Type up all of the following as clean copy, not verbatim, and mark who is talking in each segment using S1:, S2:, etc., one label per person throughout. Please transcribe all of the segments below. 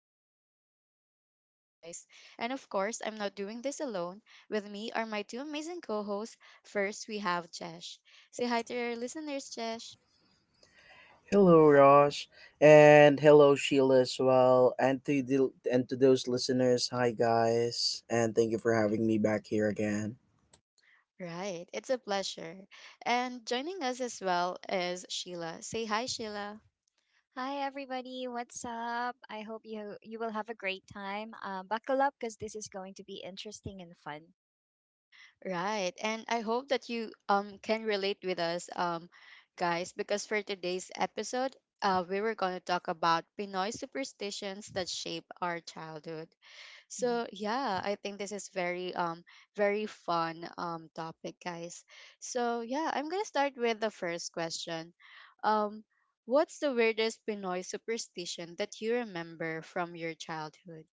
S1: excited to spend time with you guys. And of course, I'm not doing this alone. With me are my two amazing co hosts. First, we have Jesh. Say hi to your listeners, Jesh.
S2: Hello, Rosh, and hello, Sheila as well, and to those listeners, hi guys, and thank you for having me back here again.
S1: Right, it's a pleasure. And joining us as well is Sheila. Say hi, Sheila.
S3: Hi everybody, what's up? I hope you will have a great time. Buckle up because this is going to be interesting and fun.
S1: Right. And I hope that you can relate with us guys because for today's episode, we were going to talk about Pinoy superstitions that shape our childhood. So, yeah, I think this is very very fun topic, guys. So, yeah, I'm going to start with the first question. Um what's the weirdest Pinoy superstition that you remember from your childhood?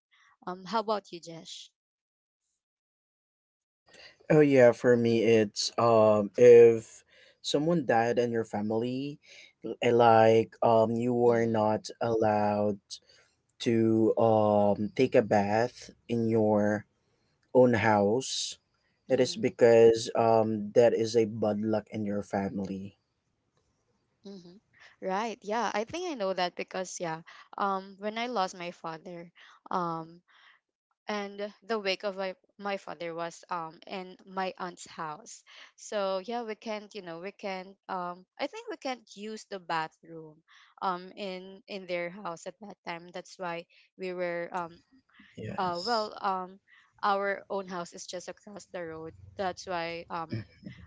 S1: How about you, Jesh?
S2: Oh yeah, for me, it's if someone died in your family, and like you were not allowed to take a bath in your own house. It is
S1: Mhm.
S2: because that is a bad luck in your family.
S1: Hmm. Right. Yeah, I think I know that because yeah, when I lost my father, um, and the wake of my father was in my aunt's house. So yeah, we can't, you know, we can't. I think we can't use the bathroom, in their house at that time. That's why we were
S2: Yes.
S1: well, Our own house is just across the road. That's why um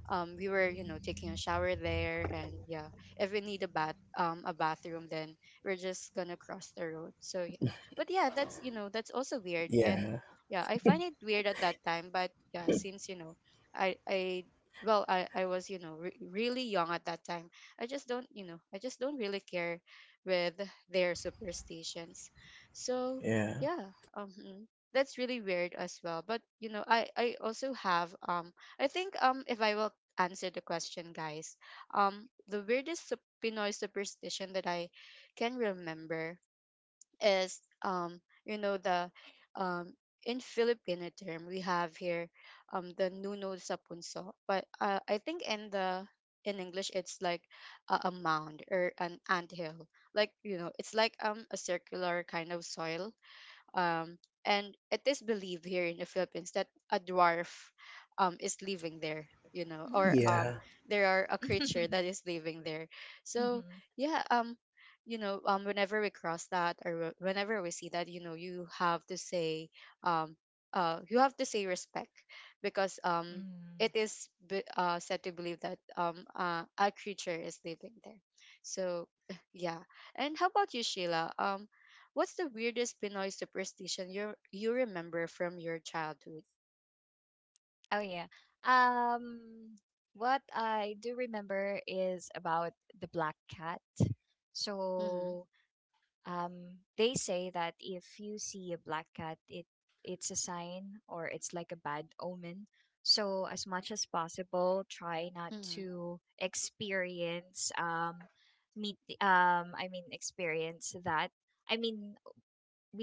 S1: um we were, you know, taking a shower there. And yeah, if we need a bath, a bathroom, then we're just gonna cross the road. So yeah, but yeah, that's, you know, that's also weird. And
S2: Yeah.
S1: yeah, I find it weird at that time, but yeah, since you know, I well I was, you know, really young at that time, I just don't, you know, I just don't really care with their superstitions. So
S2: Yeah.
S1: yeah, that's really weird as well. But you know, I also have, I think, if I will answer the question, guys, the weirdest Pinoy superstition that I can remember is, you know, the, um in Filipino term, we have here, the nuno sa punso, but I think in the, in English, it's like a mound or an anthill. Like, you know, it's like a circular kind of soil, um, and it is believed here in the Philippines that a dwarf, is living there, you know, or
S2: Yeah.
S3: Mm-hmm.
S1: there are a creature
S3: Mm.
S1: that is living there. So
S3: Hmm.
S1: yeah, you know, whenever we cross that, or whenever we see that, you know, you have to say, um you have to say respect, because um
S3: Mm.
S1: it is be- uh said to believe that a creature is living there. So yeah. And how about you, Sheila? What's the weirdest Pinoy superstition you remember from your childhood?
S3: Oh yeah. Um, what I do remember is about the black cat.
S1: Mm-hmm.
S3: So they say that if you see a black cat, it's a sign or it's like a bad omen. So as much as possible, try not
S1: Mm-hmm.
S3: to experience, meet, I mean, experience that. I mean,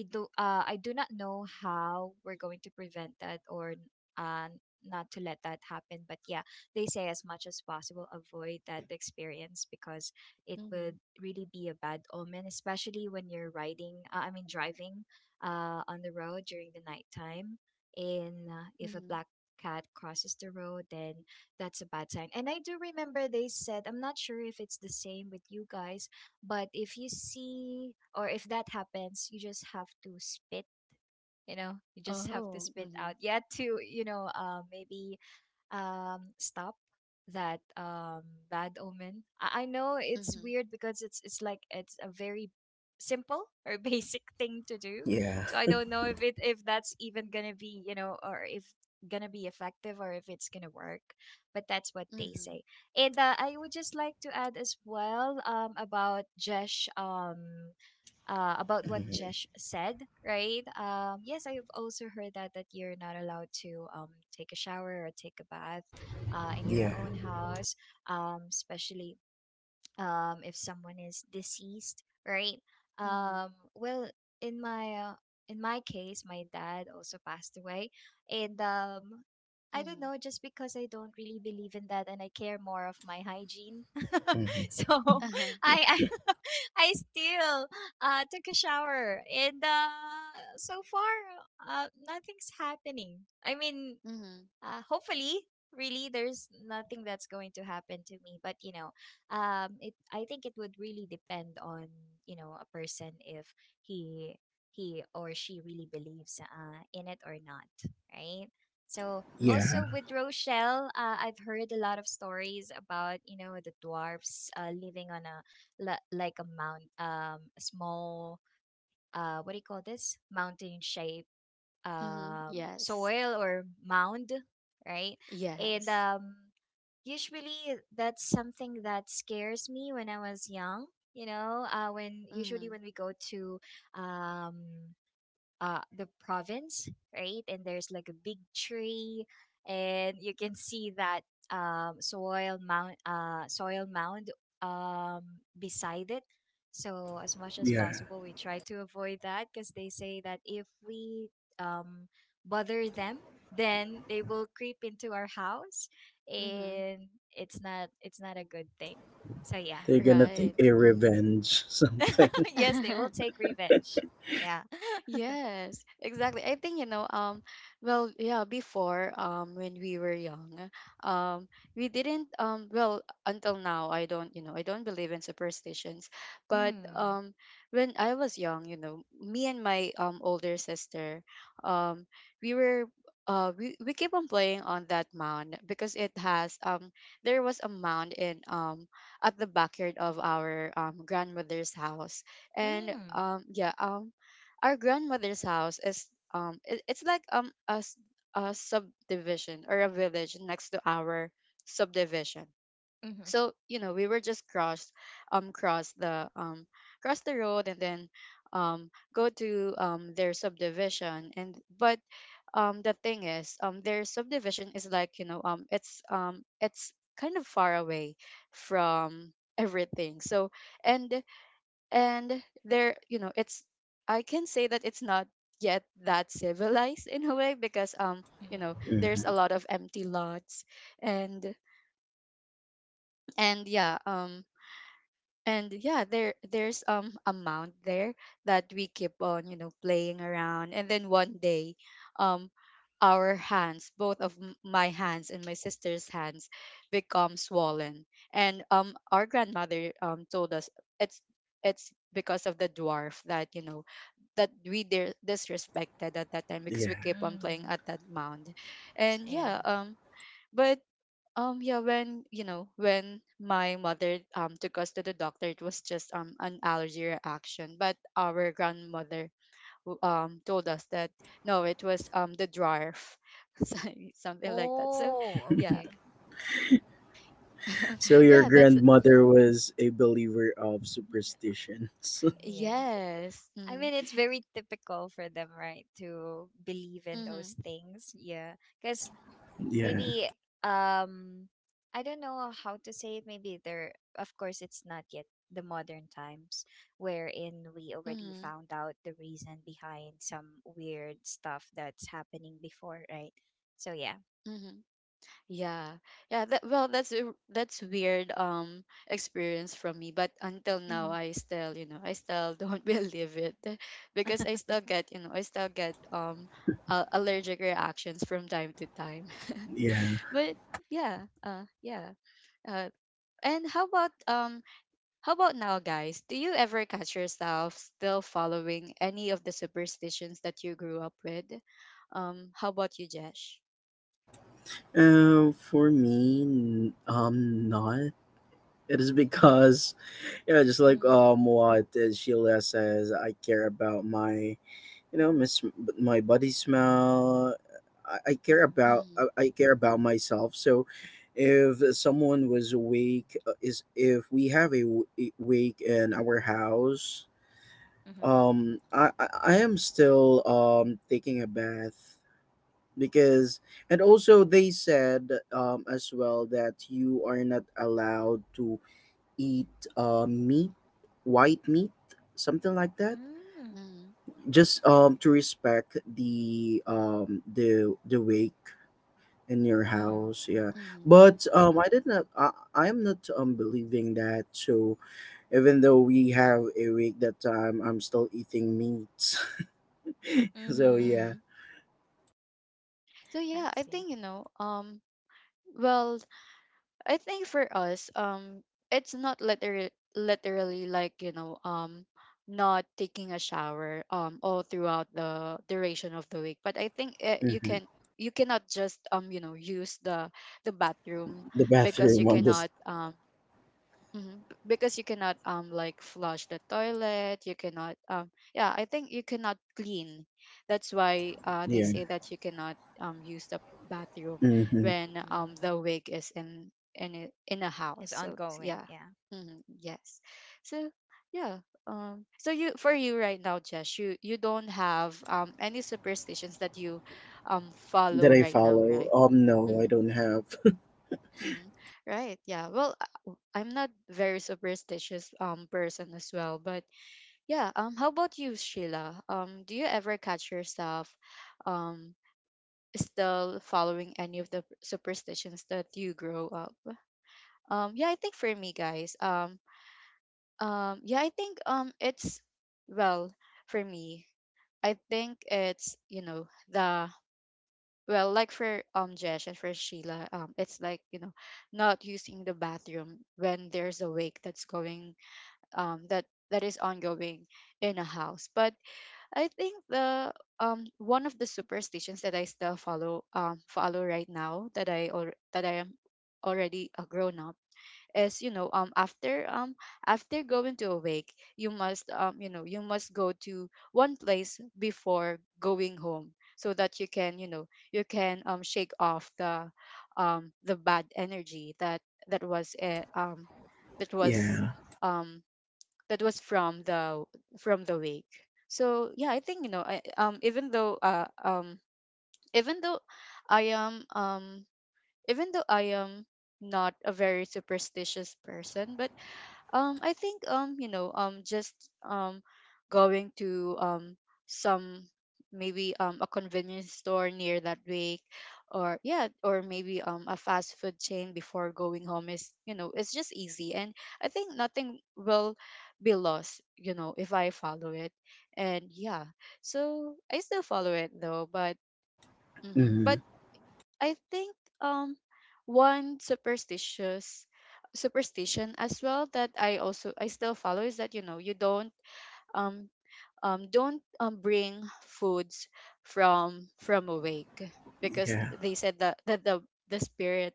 S3: we do I do not know how we're going to prevent that or uh not to let that happen, but yeah, they say as much as possible avoid that experience, because it
S1: Mm-hmm.
S3: would really be a bad omen, especially when you're riding, I mean, driving on the road during the nighttime. And if a
S1: Mm-hmm.
S3: black cat crosses the road, then that's a bad sign. And I do remember they said, I'm not sure if it's the same with you guys, but if you see, or if that happens, you just have to spit, you just have
S1: Oh.
S3: to spit
S1: Mm-hmm.
S3: out. You had to, maybe stop that bad omen. I know
S1: Mm-hmm.
S3: it's weird because it's like it's a very simple or basic thing to do.
S2: Yeah.
S3: So I don't know if it if that's even gonna be or if gonna be effective or if it's gonna work. But that's what they
S1: Mm-hmm.
S3: say. And I would just like to add as well, about Jesh. About what
S2: Hmm.
S3: Jesh said, right? Yes, I've also heard that you're not allowed to take a shower or take a bath, in
S2: Yeah.
S3: your own house, especially if someone is deceased, right?
S1: Mm-hmm.
S3: Well, in my uh, in my case, my dad also passed away, and I
S1: Mm-hmm.
S3: don't know, just because I don't really believe in that, and I care more of my hygiene.
S2: Hmm.
S3: So
S1: Uh-huh.
S3: I I, I still took a shower, and so far, nothing's happening. I mean,
S1: Mm-hmm.
S3: hopefully really there's nothing that's going to happen to me, but you know it I think it would really depend on a person, if he he or she really believes, in it or not, right. So,
S1: Mm-hmm.
S2: Yeah.
S3: also with Rochelle, I've heard a lot of stories about the dwarfs, living on, like a mount, a small, what do you call this, mountain shape,
S1: Mm-hmm. Yes.
S3: soil or mound, right?
S1: Yes.
S3: And usually that's something that scares me when I was young. You know, when
S1: Mm-hmm.
S3: Usually when we go to um, the province, right? And there's like a big tree and you can see that soil mound um, beside it. So as much as
S2: Yeah.
S3: possible, we try to avoid that, because they say that if we um, bother them, then they will creep into our house,
S1: Mm-hmm.
S3: and it's not a good thing. So yeah,
S2: They're gonna take
S1: Right.
S2: a
S1: Mm-hmm.
S2: revenge something.
S3: yes, they will take revenge. Yeah.
S1: Yes, exactly. I think, you know, well, yeah, before, when we were young, um, we didn't, well, until now, I don't, you know, I don't believe in superstitions, but,
S3: Mm.
S1: when I was young, you know, me and my, older sister, um, we were, we keep on playing on that mound because it has, there was a mound in, at the backyard of our, grandmother's house. And,
S3: Mm.
S1: our grandmother's house is, it, it's like a, a subdivision or a village next to our subdivision.
S3: Mm-hmm.
S1: So, you know, we were just crossed, um cross the um cross the road, and then go to their subdivision. And but the thing is, their subdivision is like, you know, it's kind of far away from everything. So, and and there, you know, it's, I can say that it's not yet that civilized in a way, because you know,
S3: Mm.
S1: there's
S2: Hmm.
S1: a lot of empty lots. and and yeah, and yeah, there, there's amount there that we keep on, you know, playing around. And then one day, um our hands, both of my hands and my sister's hands, become swollen. And our grandmother told us it's it's because of the dwarf, that, you know, that we disrespected at that time, because we
S2: Yeah.
S1: keep on playing at
S3: Mm.
S1: that mound. And yeah,
S3: Yeah.
S1: but yeah, when you know, when my mother took us to the doctor, it was just an allergy reaction. But our grandmother told us that no, it was the dwarf, Sorry, something like that. So
S3: Oh,
S1: yeah,
S3: okay.
S2: So your
S1: yeah, that's,
S2: grandmother was a believer of superstitions.
S3: Yeah.
S1: yes,
S3: I
S1: mm-hmm,
S3: mean, it's very typical for them, right, to believe in
S1: mm-hmm,
S3: those things. Yeah. Because
S2: Yeah.
S3: maybe, um, I don't know how to say it. Of course, it's not yet the modern times wherein we already
S1: mm-hmm,
S3: found out the reason behind some weird stuff that's happening before, right? So, yeah.
S1: Mm-hmm. Yeah. Yeah, that, well, that's weird experience from me, but until now
S3: Mm-hmm.
S1: I still, you know, I still don't believe it, because I still get, you know, I still get allergic reactions from time to time.
S2: Yeah.
S1: But yeah, yeah. Uh and how about now, guys? Do you ever catch yourself still following any of the superstitions that you grew up with? How about you, Jesh?
S2: For me, not. It is because yeah, just like
S3: Mm-hmm.
S2: what Sheila says, I care about my you know my sm- my body smell. I,
S1: Mhm.
S2: I care about myself. So if someone was awake, is if we have a wake in our house.
S3: Mm-hmm.
S2: I am still taking a bath, because. And also they said as well that you are not allowed to eat meat, white meat, something like that.
S3: Mm-hmm.
S1: Mhm.
S2: Just to respect the the wake in your
S3: Mm-hmm.
S2: house, yeah.
S1: Mhm.
S2: But I did not. I am not believing that. So even though we have a wake that time, I'm still eating meats. So
S3: Mm-hmm.
S2: yeah.
S1: Mhm. So
S3: I
S1: yeah, I
S3: see.
S1: think you know, well, I think for us, it's not literally like, you know, not taking a shower all throughout the duration of the week, but I think you
S2: Hmm.
S1: can, you cannot just you know use the bathroom
S2: The
S1: because you
S2: bathroom on this.
S1: cannot Mhm. Because you cannot like flush the toilet, you cannot yeah, I think you cannot clean. That's why they
S2: Yeah,
S1: say that you cannot use the bathroom
S2: mm-hmm.
S1: when the
S3: Mm-hmm.
S1: wig is in, in a house.
S3: It's
S1: So yeah.
S3: ongoing. Yeah.
S1: Hmm. Yes. So yeah, so you, for you right now, Jess, you don't have any superstitions that you
S2: That
S1: follow
S2: I
S1: right now,
S2: follow.
S1: right?
S2: No, I
S1: Mm-hmm.
S2: don't have.
S1: Mhm. Right. Yeah. Well, I'm not very superstitious person as well, but yeah. How about you, Sheila? Do you ever catch yourself, um, still following any of the superstitions that you grow up? Yeah. I think for me, guys. Yeah. I think, it's, well, for me. I think it's, you know, the, well, like for Jesh and for Sheila, it's like, you know, not using the bathroom when there's a wake that's going, that that is ongoing in a house. But I think the, one of the superstitions that I still follow, right now, that I, or that I am already a grown up, is, you know, after after going to a wake, you must you know, you must go to one place before going home, so that you can, you know, you can shake off the, the bad energy that, that was uh, um that was,
S2: Yeah.
S1: um that was from the, from the wake. So yeah, I think, you know, I, even though I am even though I am not a very superstitious person, but I think, you know, just um, going to some, maybe a convenience store near that week, or yeah, or maybe a fast food chain before going home is, you know, it's just easy, and I think nothing will be lost, you know, if I follow it, and yeah, so I still follow it though, but. Mhm.
S2: Mm-hmm.
S1: But I think um one superstitious superstition as well that I still follow is that, you know, you um don't bring foods from awake, because
S2: Yeah.
S1: they said that that the spirit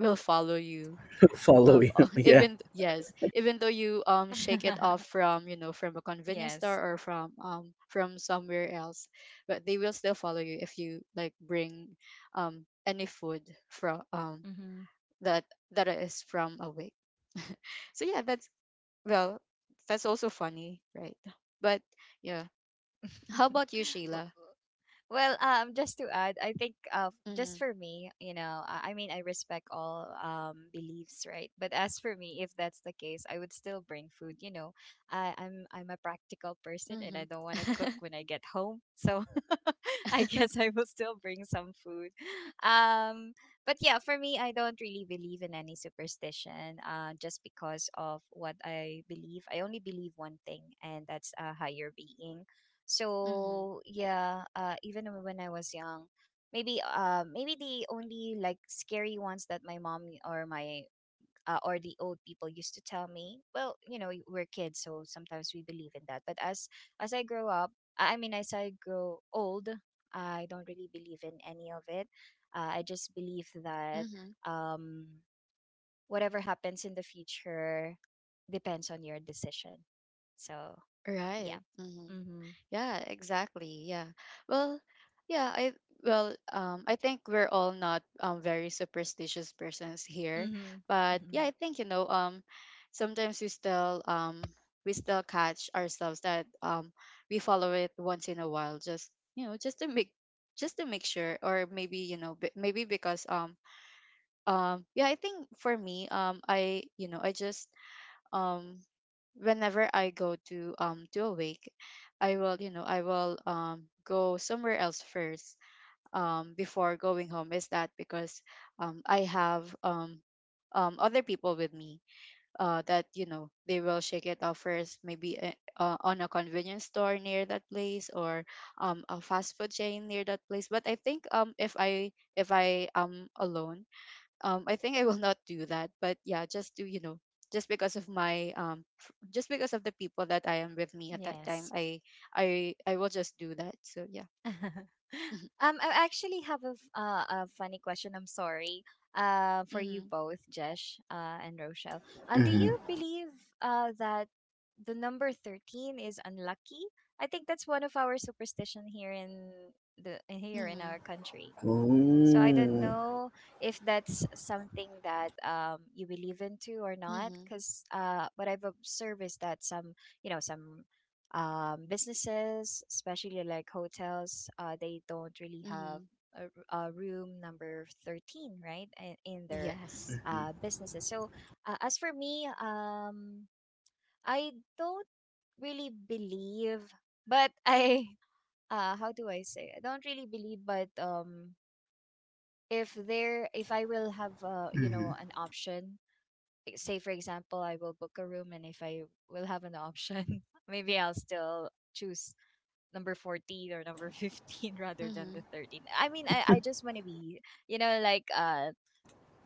S1: will follow you,
S2: Follow
S1: um
S2: you. Yeah.
S1: yes, even though you shake it off from, you know, from a convenience
S3: Yes.
S1: store or from somewhere else, but they will still follow you if you like bring any food from
S3: Mm-hmm.
S1: that that is from awake. So yeah, that's, well, that's also funny, right? But yeah, how about you, Sheila?
S3: Well, just to add, I think, just
S1: Mm-hmm.
S3: for me, I mean, I respect all beliefs, right? But as for me, if that's the case, I would still bring food. I'm a practical person, and I
S1: Mm-hmm.
S3: don't want to cook when I get home, so I
S1: Mm-hmm.
S3: guess I will still bring some food. Um, but yeah, for me, I don't really believe in any superstition. Just because of what I believe, I only believe one thing, and that's a higher being. So yeah, even when I was young, maybe the only, like, scary ones that my mom or my or the old people used to tell me. Well, we're kids, so sometimes we believe in that. But as I grow up, I mean, as I grow old, I don't really believe in any of it. I just believe that
S1: Mm-hmm.
S3: um, whatever happens in the future depends on your decision. So yeah.
S1: Right. Mm-hmm.
S3: Mm-hmm.
S1: Yeah, exactly. Yeah. Well, yeah, I, well, I think we're all not very superstitious persons here,
S3: Mm-hmm.
S1: but
S3: Mm-hmm.
S1: yeah, I think you know, sometimes we still catch ourselves that we follow it once in a while, just, you know, just to make, just to make sure, or maybe, you know, maybe because yeah, I think for me I, you know, I just um whenever I go to a wake, I will, you know, I will go somewhere else first, before going home. Is that because I have other people with me that you know they will shake it off first maybe on a convenience store near that place or a fast food chain near that place. But I think if I am alone, I think I will not do that. But yeah, just to you know just because of my just because of the people that I am with me at that time,
S3: Yes.
S1: I will just do that. So yeah.
S3: um, I actually have a funny question. I'm sorry. For
S1: Mm-hmm.
S3: you both, Jesh, and Rochelle. Do
S2: Mhm.
S3: you believe that the number 13 is unlucky? I think that's one of our superstition here in our
S1: Mm-hmm.
S3: country. So I don't
S2: Oh,
S3: know if that's something that you believe into or not,
S1: Mm-hmm.
S3: because what I've observed is that some businesses, especially like hotels, they don't really have
S1: Mm-hmm.
S3: a, a room number 13, right, in their
S1: Yes.
S3: businesses. So as for me, I don't really believe, but how do I say? I don't really believe, but if I will have
S2: mhm.
S3: an option, like, say for example I will book a room, and if I will have an option, maybe I'll still choose number 14 or number 15, rather than
S1: Mm-hmm.
S3: the 13. I mean, I just want to be like,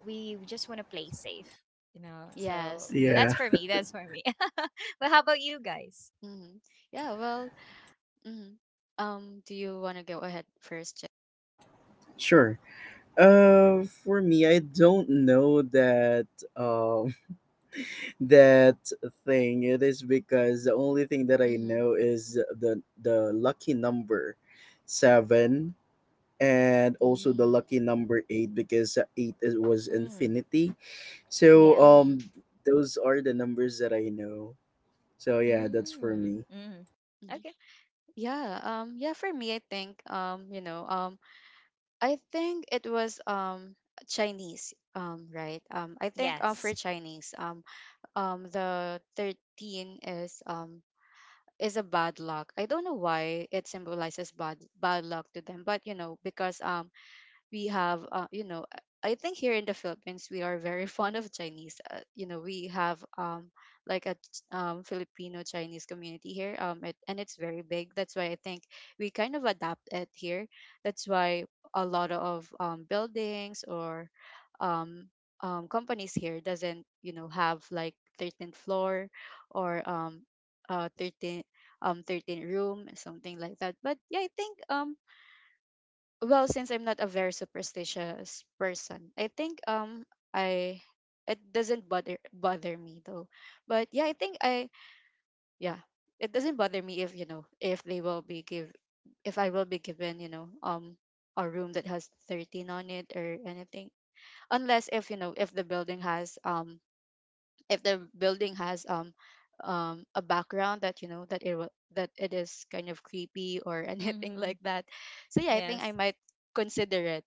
S3: we just want to play safe, so
S1: Yes. Yeah.
S3: that's
S2: Yeah,
S3: for me, that's for me. But how about you guys?
S1: Mm-hmm. Yeah, well. Mm-hmm. Do you want to go ahead first, Jen?
S2: sure. For me, I don't know that um that thing. It is because the only thing that I
S1: Mm-hmm.
S2: know is the lucky number seven, and also the lucky
S1: Mm-hmm.
S2: number eight, because eight was
S3: Mm,
S2: infinity. So
S3: yeah.
S1: Mm-hmm.
S2: those are the numbers that I know. So yeah, that's for
S3: Mm,
S2: me.
S3: mm.
S1: Mm-hmm.
S3: Okay.
S1: Yeah, yeah, for me I think you know, I think it was Chinese, right? I think for
S3: Yes.
S1: Chinese, the 13 is a bad luck. I don't know why it symbolizes bad luck to them, but you know, because we have you know, I think here in the Philippines we are very fond of Chinese. You know, we have like a Filipino Chinese community here, it, and it's very big. That's why I think we kind of adapt it here. That's why a lot of buildings or um, companies here doesn't you know have like 13th floor or 13, 13 room, something like that. But yeah, I think well, since I'm not a very superstitious person, I think I it doesn't bother me though. But yeah, I think I yeah it doesn't bother me if you know if they will be give, if I will be given, you know, a room that has 13 on it or anything, unless if you know if the building has if the building has a background that you know that that it is kind of creepy or anything
S3: Mm,
S1: like that. So yeah, I think I
S3: yes.
S1: might consider it,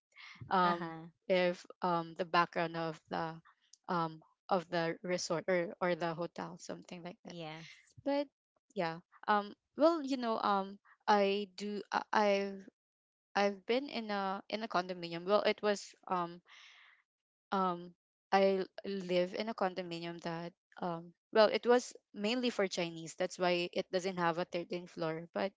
S1: um
S3: Uh-huh.
S1: if the background um of the resort or the hotel, something like that.
S3: Yes.
S1: But yeah. um well, you know, I do I've I've been in a condominium. Well, it was um I live in a condominium that well, it was mainly for Chinese. That's why it doesn't have a 13th floor. But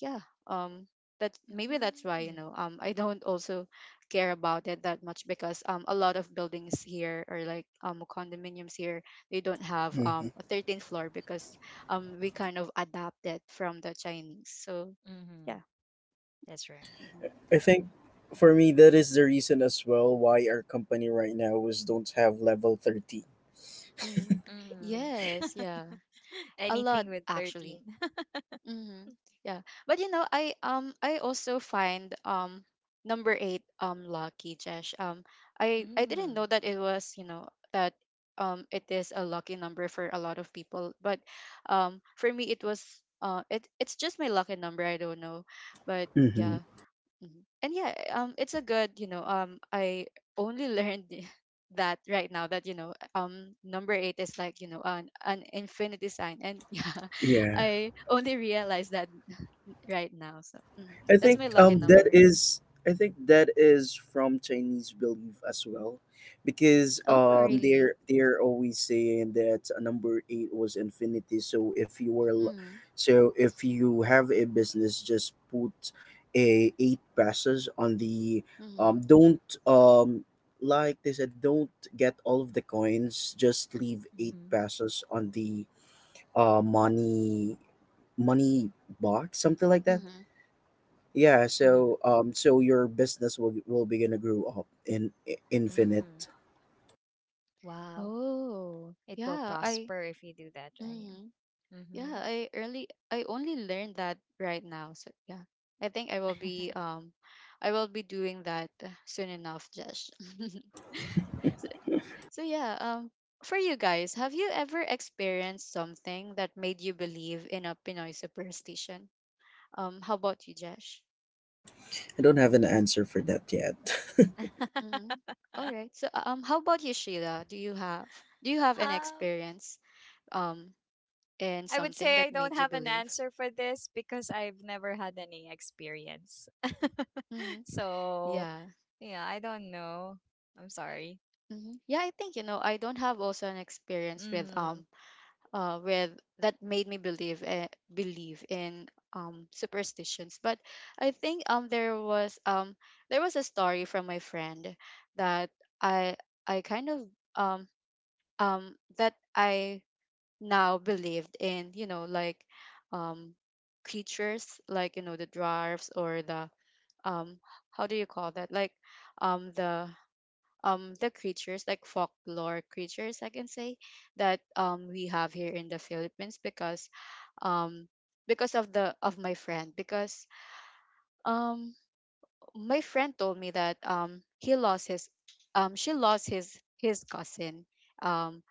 S1: yeah, um that's maybe that's why, you
S3: Mm.
S1: know, I don't also care about it that much because a lot of buildings here or like condominiums here, they don't have a 13th floor because we kind of adapted from the Chinese. So
S3: Mm-hmm.
S1: yeah.
S3: That's right.
S1: Hmm.
S2: I think for me that is the reason as well why our company right now is don't have level 30.
S1: Hmm.
S3: Mm.
S1: Yes, yeah. A lot,
S3: Anything with
S1: actually.
S3: 13.
S1: Mm-hmm. Yeah. But you know, I also find number eight lucky, Jesh. I didn't
S3: Mm.
S1: know that it was, you know, that it is a lucky number for a lot of people. But for me it was it's just my lucky number, I don't know. But
S2: Hmm.
S1: yeah. Mhm. And yeah, it's a good, you know, I only learned that right now that you know, number eight is like you know an infinity sign, and yeah,
S2: Yeah.
S1: I only realized that right now. So mhm.
S2: I
S1: That's
S2: think
S1: my lucky
S2: um that
S1: number.
S2: is I think that is from Chinese belief as well, because
S1: Oh, really?
S2: they're always saying that number eight was infinity. So if you were, l-
S1: Mm-hmm.
S2: so if you have a business, just put a eight passes on the,
S1: Mm-hmm.
S2: don't, like they said, don't get all of the coins, just leave eight
S3: Mm-hmm.
S2: passes on the uh money money box, something like that,
S1: Mm-hmm.
S2: yeah.
S3: Mm-hmm.
S2: So so your business will begin to grow up in
S3: Mm.
S2: infinite.
S3: Wow.
S1: Oh,
S3: It will
S1: yeah. I.
S3: prosper if you do that, right?
S1: Mm-hmm.
S3: Mm-hmm.
S1: Yeah, I only learned that right now. So yeah. I think I will be doing that soon enough, Josh. So, so yeah, for you guys, have you ever experienced something that made you believe in a Pinoy superstition? How about you, Josh?
S2: I don't have an answer for that yet.
S1: Mhm. All right. So how about you, Sheila? Do you have an
S3: um,
S1: experience um in
S3: I would
S1: something
S3: say I
S1: that
S3: don't
S1: made you
S3: have an
S1: believe?
S3: answer for this because I've never had any experience.
S1: Mhm.
S3: So,
S1: Yeah.
S3: yeah, I don't know. I'm sorry.
S1: Hmm. Yeah, I think you know, I don't have also an experience
S3: Mm-hmm.
S1: with that made me believe believe in superstitions, but I think there was a story from my friend that I I kind of um that I now believed in, you know, like um creatures like you know the dwarfs or the um how do you call that, like um the the creatures like folklore creatures, I can say, that we have here in the Philippines, um because of the of my friend, because um my friend told me that he lost his she lost his cousin. um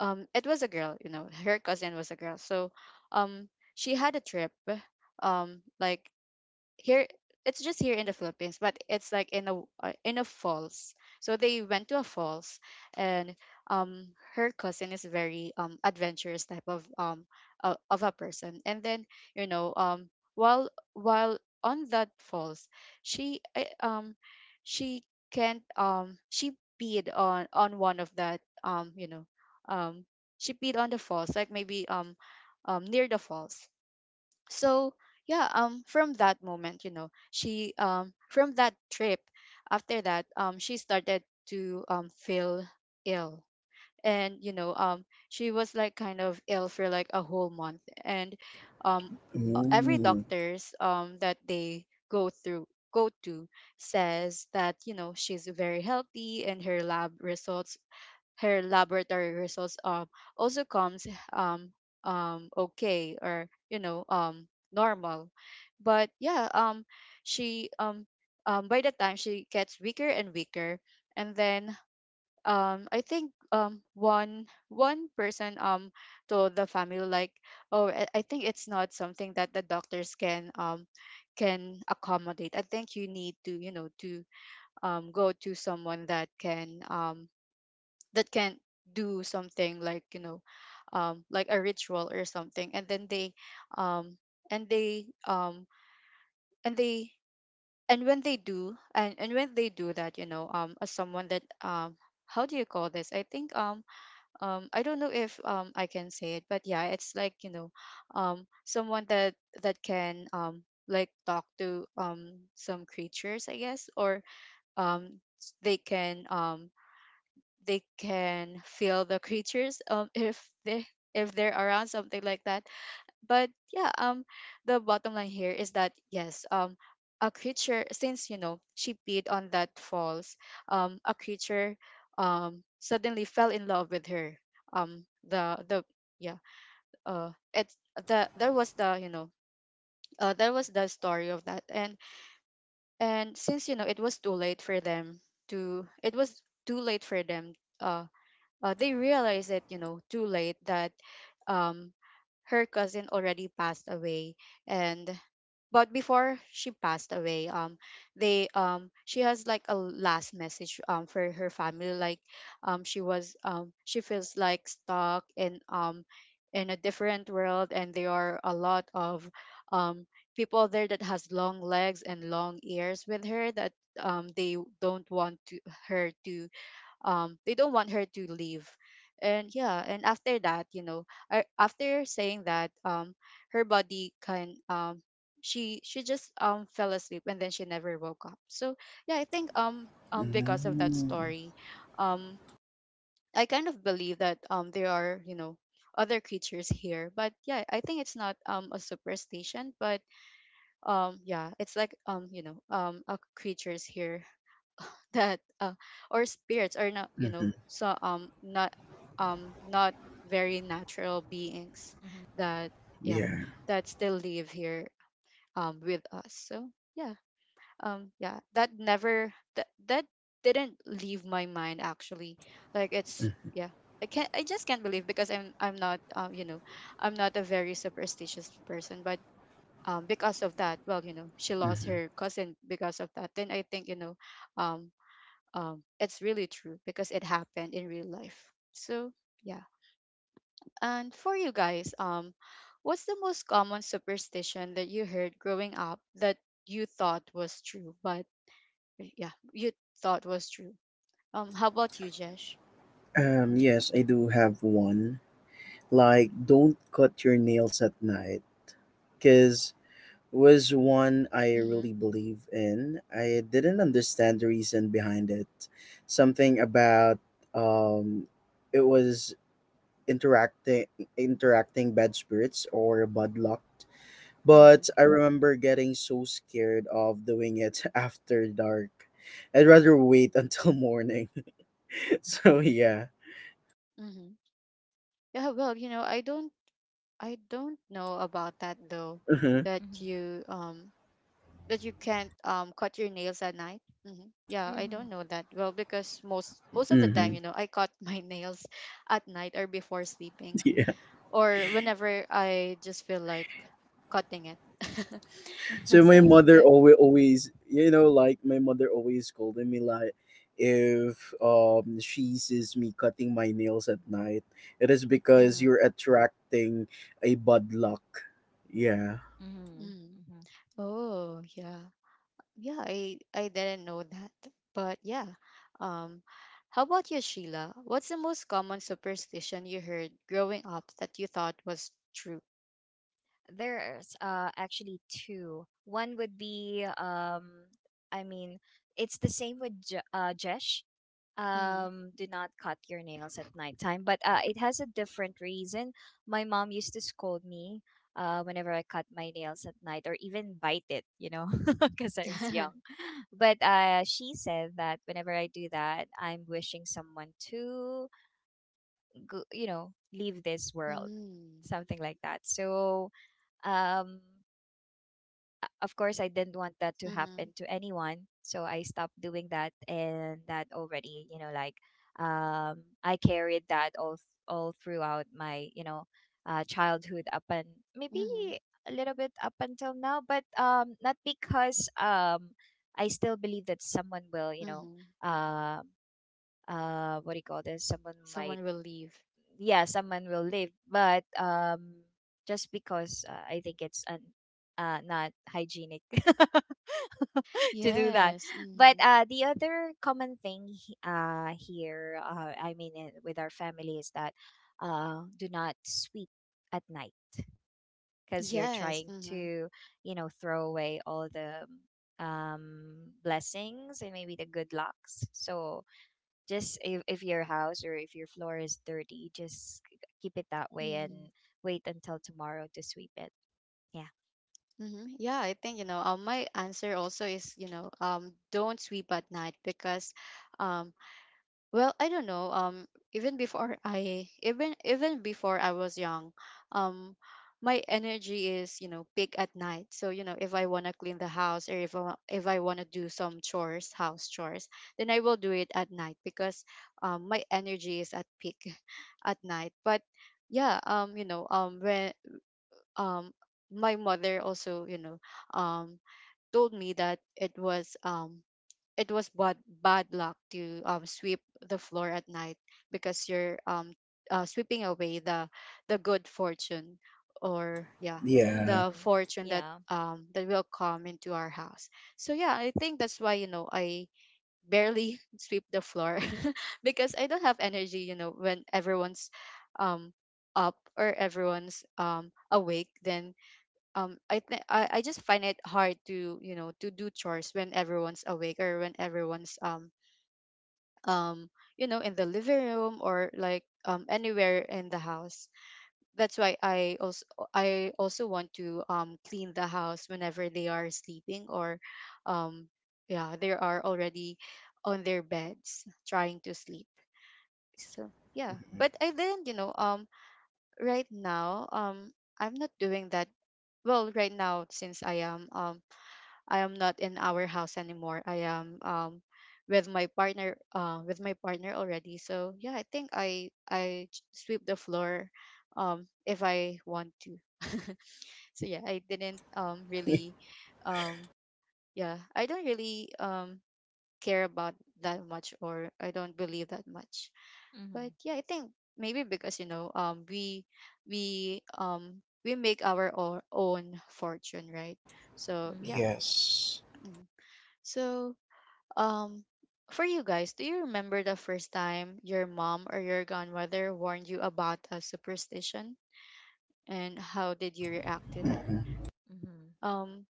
S1: it was a girl, you know, her cousin was a girl. So um she had a trip like here, it's just here in the Philippines, but it's like in a falls. So they went to a falls, and her cousin is very adventurous type of a person. And then you know, while on that falls, she uh, um she can't she peed on one of that you know, um she peed on the falls, like maybe near the falls. So yeah, from that moment you know she from that trip, after that, she started to feel ill. And you know, she was like kind of ill for like a whole month, and um every
S2: Mm.
S1: doctors that they go through go to says that you know she's very healthy, and her lab results her laboratory results also comes um okay, or you know normal. But yeah, she by the time she gets weaker and weaker. And then I think um one person told the family like, oh, I think it's not something that the doctors can accommodate. I think you need to, you know, to go to someone that can do something like, you know, like a ritual or something. And then they um and they um and they and when they do and when they do that, you know, as someone that how do you call this, I think, I don't know if I can say it, but yeah, it's like you know someone that that can like talk to some creatures I guess, or um s- they can um they can feel the creatures if they if they're around, something like that. But yeah, the bottom line here is that yes, a creature, since you know she peed on that falls, a creature suddenly fell in love with her. The yeah, it's the that was the you know, that was the story of that. And since you know it was too late for them to it was too late for them. Uh they realized it, you know, too late that um, her cousin already passed away, and but before she passed away, they she has like a last message for her family, like, she was she feels like stuck in a different world, and there are a lot of um people there that has long legs and long ears with her, that they don't want to her to they don't want her to leave. And yeah, and after that, you know, after saying that, her body can she just fell asleep, and then she never woke up. So yeah, I think because of that
S2: Mm-hmm.
S1: story, um I kind of believe that there are, you know, other creatures here. But yeah, I think it's not a superstition, but yeah, it's like you know, a creatures here that or spirits, are not you know, so not um not very natural beings,
S3: Mm-hmm.
S1: that yeah,
S2: Yeah.
S1: that still live here with us. So yeah, yeah, that never that didn't leave my mind actually, like, it's yeah, I just can't believe, because I'm not you know, I'm not a very superstitious person, but because of that, well you know she lost
S2: Hmm.
S1: her cousin because of that, then I think you know um it's really true because it happened in real life. So yeah. And for you guys, what's the most common superstition that you heard growing up that you thought was true, but eh, yeah, you thought was true? How about you, Jesh?
S2: Yes, I do have one. Like, don't cut your nails at night, cause was one I
S1: Mm-hmm.
S2: really believe in. I didn't understand the reason behind it. Something about, um, it was interacting interacting bad spirits or bad luck.
S1: Mm-hmm.
S2: But I remember getting so scared of doing it after dark. I'd rather wait until morning. So yeah.
S1: Mm-hmm. Yeah. Well, you know, I don't know about that though.
S2: Mm-hmm.
S1: That you um that you can't cut your nails at night. Hmm, yeah, I
S3: Mm-hmm.
S1: don't know that. Well, because most most of the
S2: Mm-hmm.
S1: time, you know, I cut my nails at night or before sleeping,
S2: Yeah.
S1: or whenever I just feel like cutting it.
S2: So my
S1: So
S2: mother
S1: yeah.
S2: always like, my mother always scolded me like, if she sees me cutting my nails at night, it is because
S1: Hmm.
S2: you're attracting a bad luck. Yeah.
S3: Hmm.
S1: Hmm.
S3: Hmm.
S1: Oh, yeah. Yeah, I didn't know that. But yeah, um how about you, Sheila, what's the most common superstition you heard growing up that you thought was true?
S3: There's actually two. One would be, I mean, it's the same with Jesh. Do not cut your nails at nighttime, but it has a different reason. My mom used to scold me whenever I cut my nails at night or even bite it, because I was
S1: Mm-hmm.
S3: young. But she said that whenever I do that, I'm wishing someone to go, leave this world,
S1: Mm.
S3: something like that. So, um, of course, I didn't want that to
S1: Mm-hmm.
S3: happen to anyone. So I stopped doing that, and that already, like, I carried that all throughout my, childhood, up and maybe
S1: Mm-hmm.
S3: a little bit up until now, but not because I still believe that someone will
S1: Mm-hmm.
S3: um, what do you call this? Someone might,
S1: Someone will leave.
S3: yeah, someone will live, but just because, I think it's, not hygienic, to do that.
S1: Yes.
S3: But
S1: Mm-hmm.
S3: the other common thing, he- here I mean, with our family, is that, do not sweep at night, because you're
S1: Yes.
S3: trying
S1: Mm-hmm.
S3: to throw away all the um blessings and maybe the good lucks. So, just, if your house or if your floor is dirty, just keep it that way
S1: Mm-hmm.
S3: and wait until tomorrow to sweep it. Yeah.
S1: Mm-hmm. Yeah, I think my answer also is don't sweep at night because, um, I don't know. Even before I even even before I was young, um, my energy is peak at night. So if I wanna clean the house or if I wanna do some chores, house chores, then I will do it at night because my energy is at peak at night. But yeah, when um my mother also um told me that it was bad luck to sweep the floor at night because you're sweeping away the good fortune or yeah,
S2: Yeah.
S1: the
S3: Mm.
S1: fortune that
S3: Yeah.
S1: that will come into our house. So yeah, I think that's why I barely sweep the floor because I don't have energy when everyone's um up or everyone's awake. Then I think I just find it hard to to do chores when everyone's awake or when everyone's um in the living room or like anywhere in the house. That's why I also want to clean the house whenever they are sleeping or um yeah, they are already on their beds trying to sleep. So yeah,
S2: Mhm.
S1: but I didn't you know right now I'm not doing that well right now since I am not in our house anymore. I am with my partner already. So yeah, I think sweep the floor if I want to. So yeah, I didn't really um yeah, I don't really care about that much, or I don't believe that much. But
S3: Mm-hmm.
S1: yeah, I think maybe because we we um we make our own fortune, right? So yeah.
S3: Mm-hmm.
S2: Yes.
S1: Mm. So um, for you guys, do you remember the first time your mom or your grandmother warned you about a superstition, and how did you react to that?
S2: Mm-hmm.
S3: Mm-hmm.
S1: Um,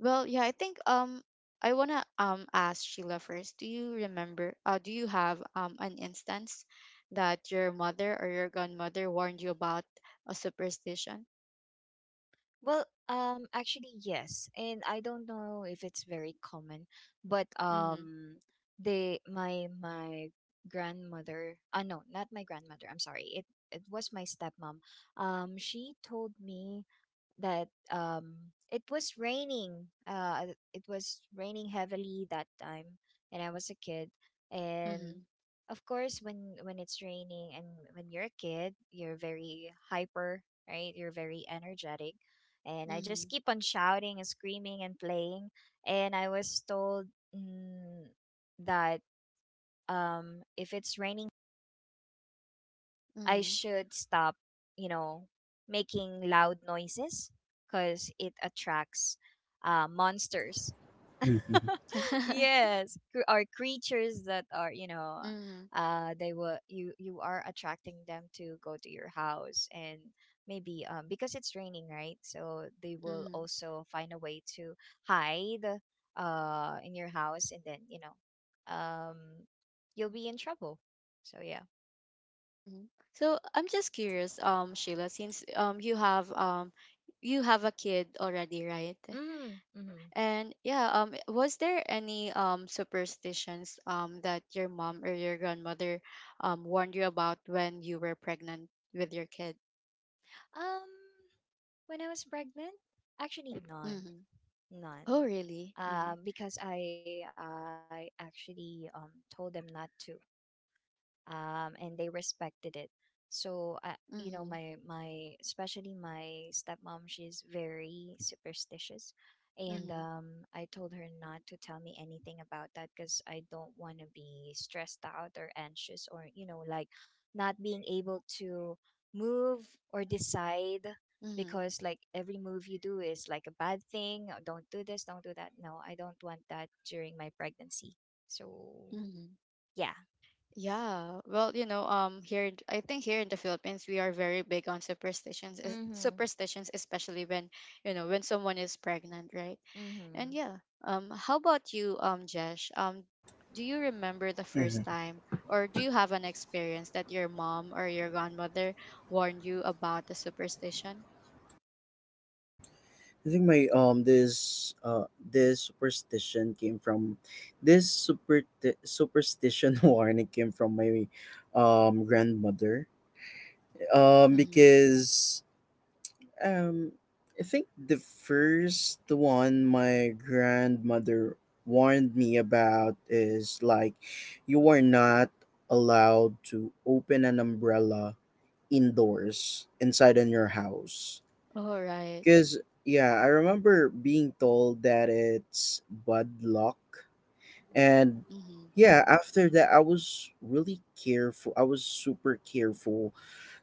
S1: well, yeah, I think I wanna ask Sheila first. Do you remember? Do you have an instance that your mother or your grandmother warned you about a superstition?
S3: Well, actually, yes, and I don't know if it's very common, but
S1: Mm-hmm.
S3: they my grandmother. Ah, no, not my grandmother. I'm sorry. It was my stepmom. She told me that, it was raining uh it was raining heavily that time, and I was a kid,
S1: Mm-hmm.
S3: and of course, when it's raining and when you're a kid, you're very hyper, right, you're very energetic, and I just
S1: Mm-hmm.
S3: keep on shouting and screaming and playing. And I was told, mm, that, if it's raining, I should stop, you know, making loud noises, because it attracts, monsters.
S2: Hmm.
S1: Mm-hmm.
S3: Yes, or creatures that are,
S1: Mm-hmm.
S3: they will, you are attracting them to go to your house. And maybe because it's raining, right? So they will also find a way to hide in your house, and then you'll be in trouble. So yeah.
S1: Hmm. So I'm just curious, Sheila, since you have a kid already, right?
S3: Mm-hmm. Mm-hmm.
S1: And yeah, was there any superstitions that your mom or your grandmother warned you about when you were pregnant with your kid?
S3: Um, when I was pregnant, actually, none,
S1: Mm-hmm.
S3: none.
S1: Oh, really? Mm-hmm.
S3: Because I actually told them not to, and they respected it. So,
S1: Mm-hmm.
S3: my especially my stepmom, she's very superstitious, and
S1: Mm-hmm.
S3: um, I told her not to tell me anything about that because I don't want to be stressed out or anxious or like not being able to move or decide
S1: Mm-hmm.
S3: because like every move you do is like a bad thing. Oh, don't do this, don't do that. No, I don't want that during my pregnancy. So
S1: Mm-hmm.
S3: yeah.
S1: Yeah, well, here in- I think here in the Philippines we are very big on superstitions,
S3: Mm-hmm.
S1: superstitions, especially when when someone is pregnant, right? And
S3: Mm-hmm.
S1: yeah, how about you, Jesh? Do you remember the first time, or do you have an experience that your mom or your grandmother warned you about the superstition?
S2: I think my this this superstition came from this super superstition warning came from my grandmother,
S1: Mm-hmm.
S2: because um I think the first one my grandmother warned me about is like, you are not allowed to open an umbrella indoors inside in your house.
S1: All right.
S2: Cause yeah, I remember being told that it's bad luck, and
S1: Mm-hmm.
S2: yeah, after that I was really careful. I was super careful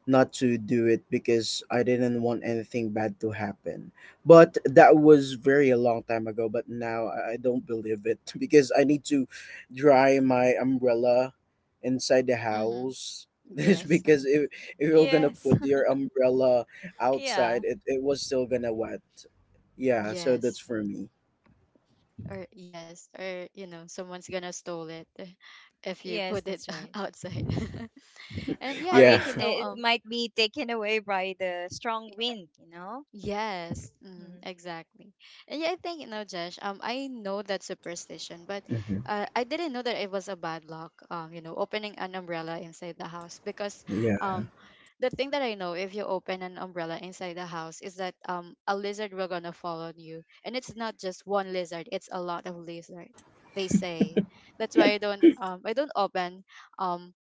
S2: not to do it because I didn't want anything bad to happen. But that was very a long time ago. But now I don't believe it, because I need to dry my umbrella inside the
S1: Mm-hmm.
S2: house. This,
S1: Yes.
S2: because if you're gonna
S3: Yes.
S2: put your umbrella
S3: Yeah.
S2: outside, it was still gonna wet. Yeah, so that's
S1: Yes.
S2: for me.
S1: Or yes, or someone's gonna stole it if you
S3: Yes,
S1: put it
S3: that's right.
S1: outside. And yeah, I
S3: Or
S2: Yeah.
S1: think
S3: it's it might be taken away by the strong wind.
S1: yes, mm,
S3: Mm-hmm.
S1: exactly. And yeah, I think Josh. I know that superstition, but
S2: Hmm.
S1: I didn't know that it was a bad luck. Opening an umbrella inside the house because
S2: Yeah.
S1: um, the thing that I know if you open an umbrella inside the house is that a lizard will gonna fall on you, and it's not just one lizard; it's a lot of lizard. They say that's why I don't open um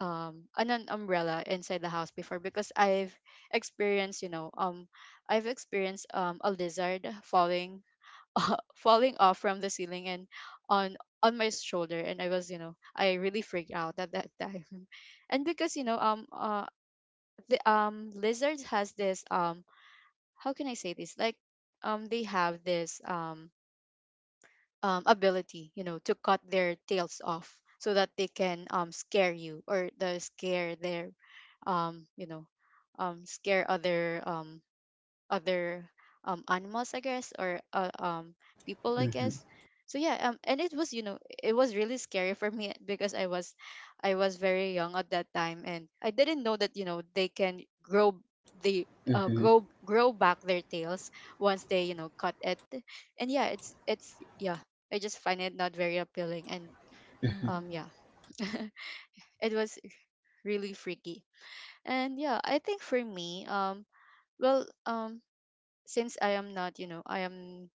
S1: an umbrella inside the house before because I've experienced, I've experienced a lizard falling falling off from the ceiling and on on my shoulder, and I was, I really freaked out at that time. And because, the lizards has this how can I say this? Like they have this ability, to cut their tails off so that they can scare you or the scare their, um, you know, scare other other animals I guess or people I
S2: Hmm.
S1: guess. So yeah, and it was it was really scary for me because I was I was very young at that time and I didn't know that they can grow the uh,
S2: Hmm.
S1: grow grow back their tails once they cut it. And yeah, it's yeah, I just find it not very appealing, and yeah. It was really freaky. And yeah, I think for me well um since I am not you know I am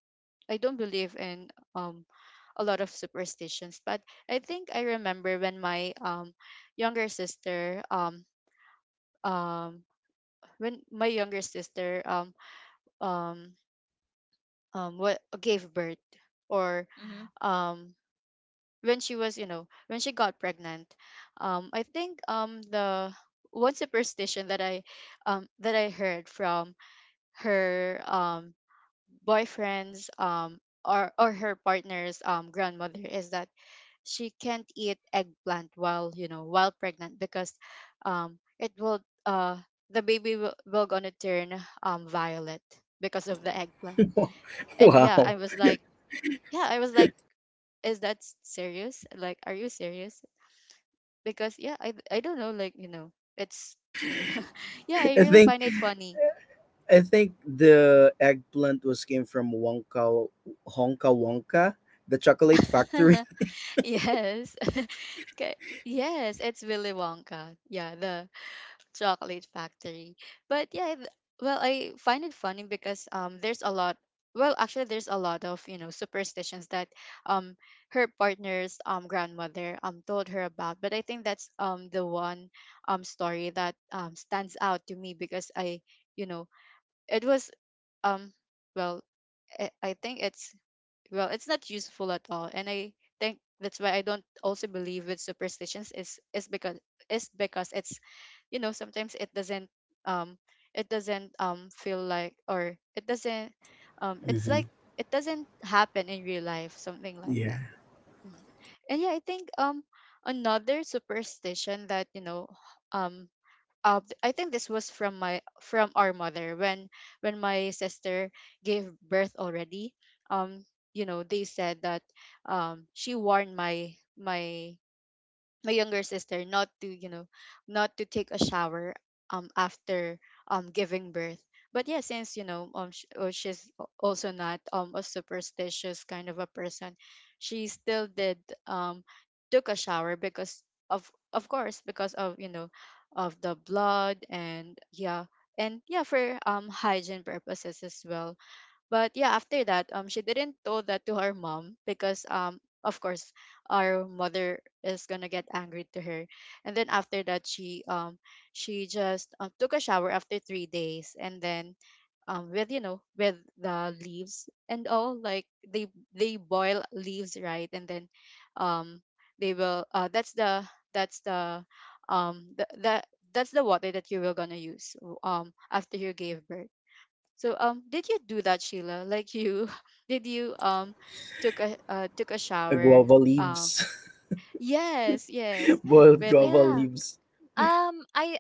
S1: I don't believe in a lot of superstitions, but I think I remember when my younger sister um when my younger sister um what gave birth or
S3: Mm-hmm.
S1: um when she was when she got pregnant. I think the one superstition that I heard from her boyfriend's or her partner's grandmother is that she can't eat eggplant while while pregnant because it will uh, the baby will gonna turn violet because of the eggplant. And yeah, I
S2: Wow.
S1: was like, yeah, I was like, is that serious, like, are you serious? Because yeah, I don't know, like, it's yeah, I
S2: I
S1: really
S2: think
S1: find it funny.
S2: I think the eggplant was came from Wonka Honka Wonka, the chocolate factory.
S1: Yes. Okay, yes, it's Willy Wonka, yeah, the chocolate factory. But yeah, well, I find it funny because there's a lot, well actually there's a lot of superstitions that um her partner's grandmother told her about, but I think that's the one story that stands out to me because I, you know it was um well I think it's well, it's not useful at all, and I think that's why I don't also believe with superstitions is because it's sometimes um it doesn't feel like, or it doesn't it's
S2: Hmm.
S1: like it doesn't happen in real life, something like
S2: Yeah.
S1: that. Mhm. And yeah, I think another superstition that um I think this was from my from our mother when my sister gave birth already. Um, you know, they said that she warned my younger sister not to not to take a shower after giving birth. But yeah, since oh, she's also not a superstitious kind of a person, she still did um took a shower because of of course, because of of the blood, and yeah, and yeah for hygiene purposes as well. But yeah, after that, she didn't tell that to her mom because of course, our mother is gonna get angry to her. And then after that, she just took a shower after 3 days, and then with with the leaves and all, like they boil leaves right, and then um, they will that's that's the the that's the water that you were gonna use after you gave birth. So did you do that, Sheila? Like you did you took a took a shower
S2: Guava
S1: um
S2: leaves.
S1: yes, yes,
S2: Boiled
S1: with
S2: guava
S3: Yeah.
S2: leaves.
S3: I,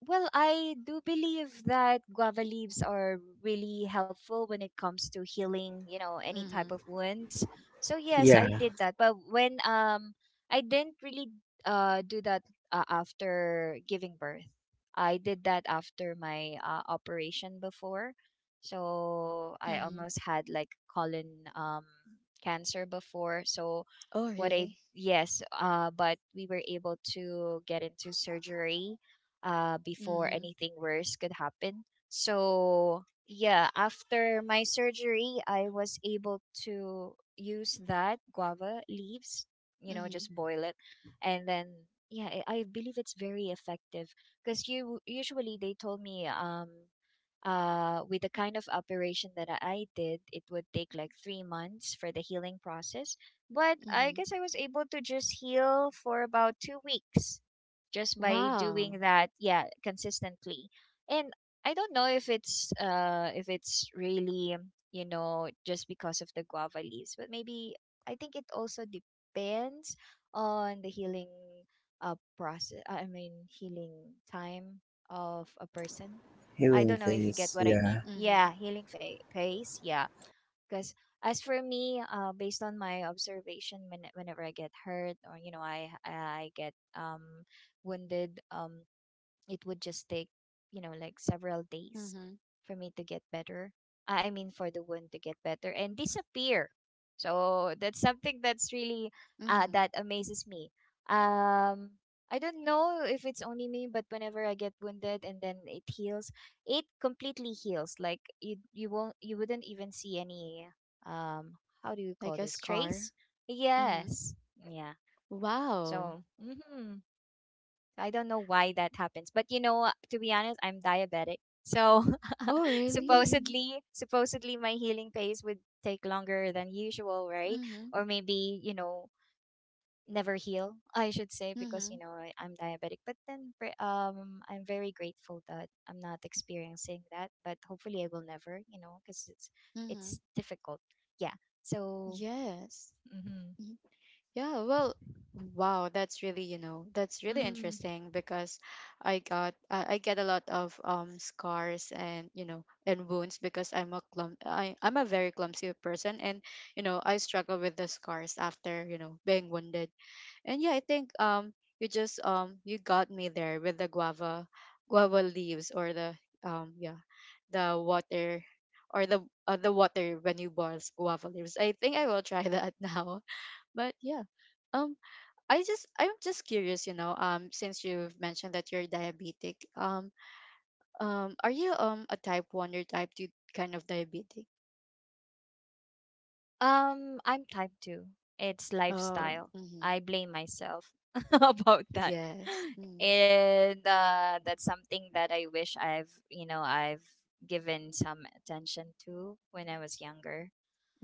S3: well, I do believe that guava leaves are really helpful when it comes to healing, any type
S1: mhm.
S3: of wounds. So yes, I
S2: Yeah.
S3: did that. But when I didn't really do that after giving birth. I did that after my operation before. So I
S1: Mhm.
S3: almost had like colon cancer before. So
S1: Oh,
S3: what I,
S1: really?
S3: yes, but we were able to get into surgery before
S1: Mhm.
S3: anything worse could happen. So, yeah, after my surgery, I was able to use that guava leaves,
S1: Mhm.
S3: just boil it. And then, yeah, I believe it's very effective because you usually they told me, with the kind of operation that I did, it would take like 3 months for the healing process. But I
S1: Mhm.
S3: guess I was able to just heal for about 2 weeks just by
S1: Wow.
S3: doing that, yeah, consistently. And I don't know if it's really, just because of the guava leaves, but maybe I think it also depends on the healing process I mean healing time of a person. I
S2: Healing
S3: don't know if you get
S2: face.
S3: what I mean.
S2: Yeah.
S1: Mhm.
S3: Yeah, healing phase. Yeah, because as for me, based on my observation, whenever I get hurt or I get wounded, it would just take, like several days
S1: Mhm.
S3: for me to get better. I mean, for the wound to get better and disappear. So that's something that's really
S1: Mhm.
S3: that amazes me. Um, I don't know if it's only me, but whenever I get wounded and then it heals, it completely heals. Like you won't, you wouldn't even see any. How do you call
S1: Like a
S3: this? Trace?
S1: scar. Mhm.
S3: Yes. Yeah.
S1: Wow.
S3: So. Mhm. I don't know why that happens. But to be honest, I'm diabetic. So Mm.
S1: Oh, really?
S3: Supposedly my healing pace would take longer than usual, right?
S1: Mhm.
S3: Or maybe, never heal, I should say, because
S1: Mhm.
S3: I'm diabetic. But then I'm very grateful that I'm not experiencing that, but hopefully I will never, cuz
S1: Mhm.
S3: it's difficult. Yeah. So,
S1: Yes.
S3: mhm.
S1: Mm-hmm. Yeah, well, wow, that's really, that's really
S3: Mhm.
S1: interesting because I got I get a lot of scars and, and wounds because I'm a clum, I'm a very clumsy person, and, I struggle with the scars after, being wounded. And yeah, I think you just you got me there with the guava leaves or the yeah, the water or the water when you boil guava leaves. I think I will try that now. But yeah. Um I just I'm just curious, since you've mentioned that you're diabetic, are you a type 1 or type 2 kind of diabetic?
S3: I'm type 2. It's
S1: Oh,
S3: lifestyle.
S1: mm-hmm.
S3: I blame myself about that.
S1: Yes. Mm,
S3: And that's something that I wish I've given some attention to when I was younger.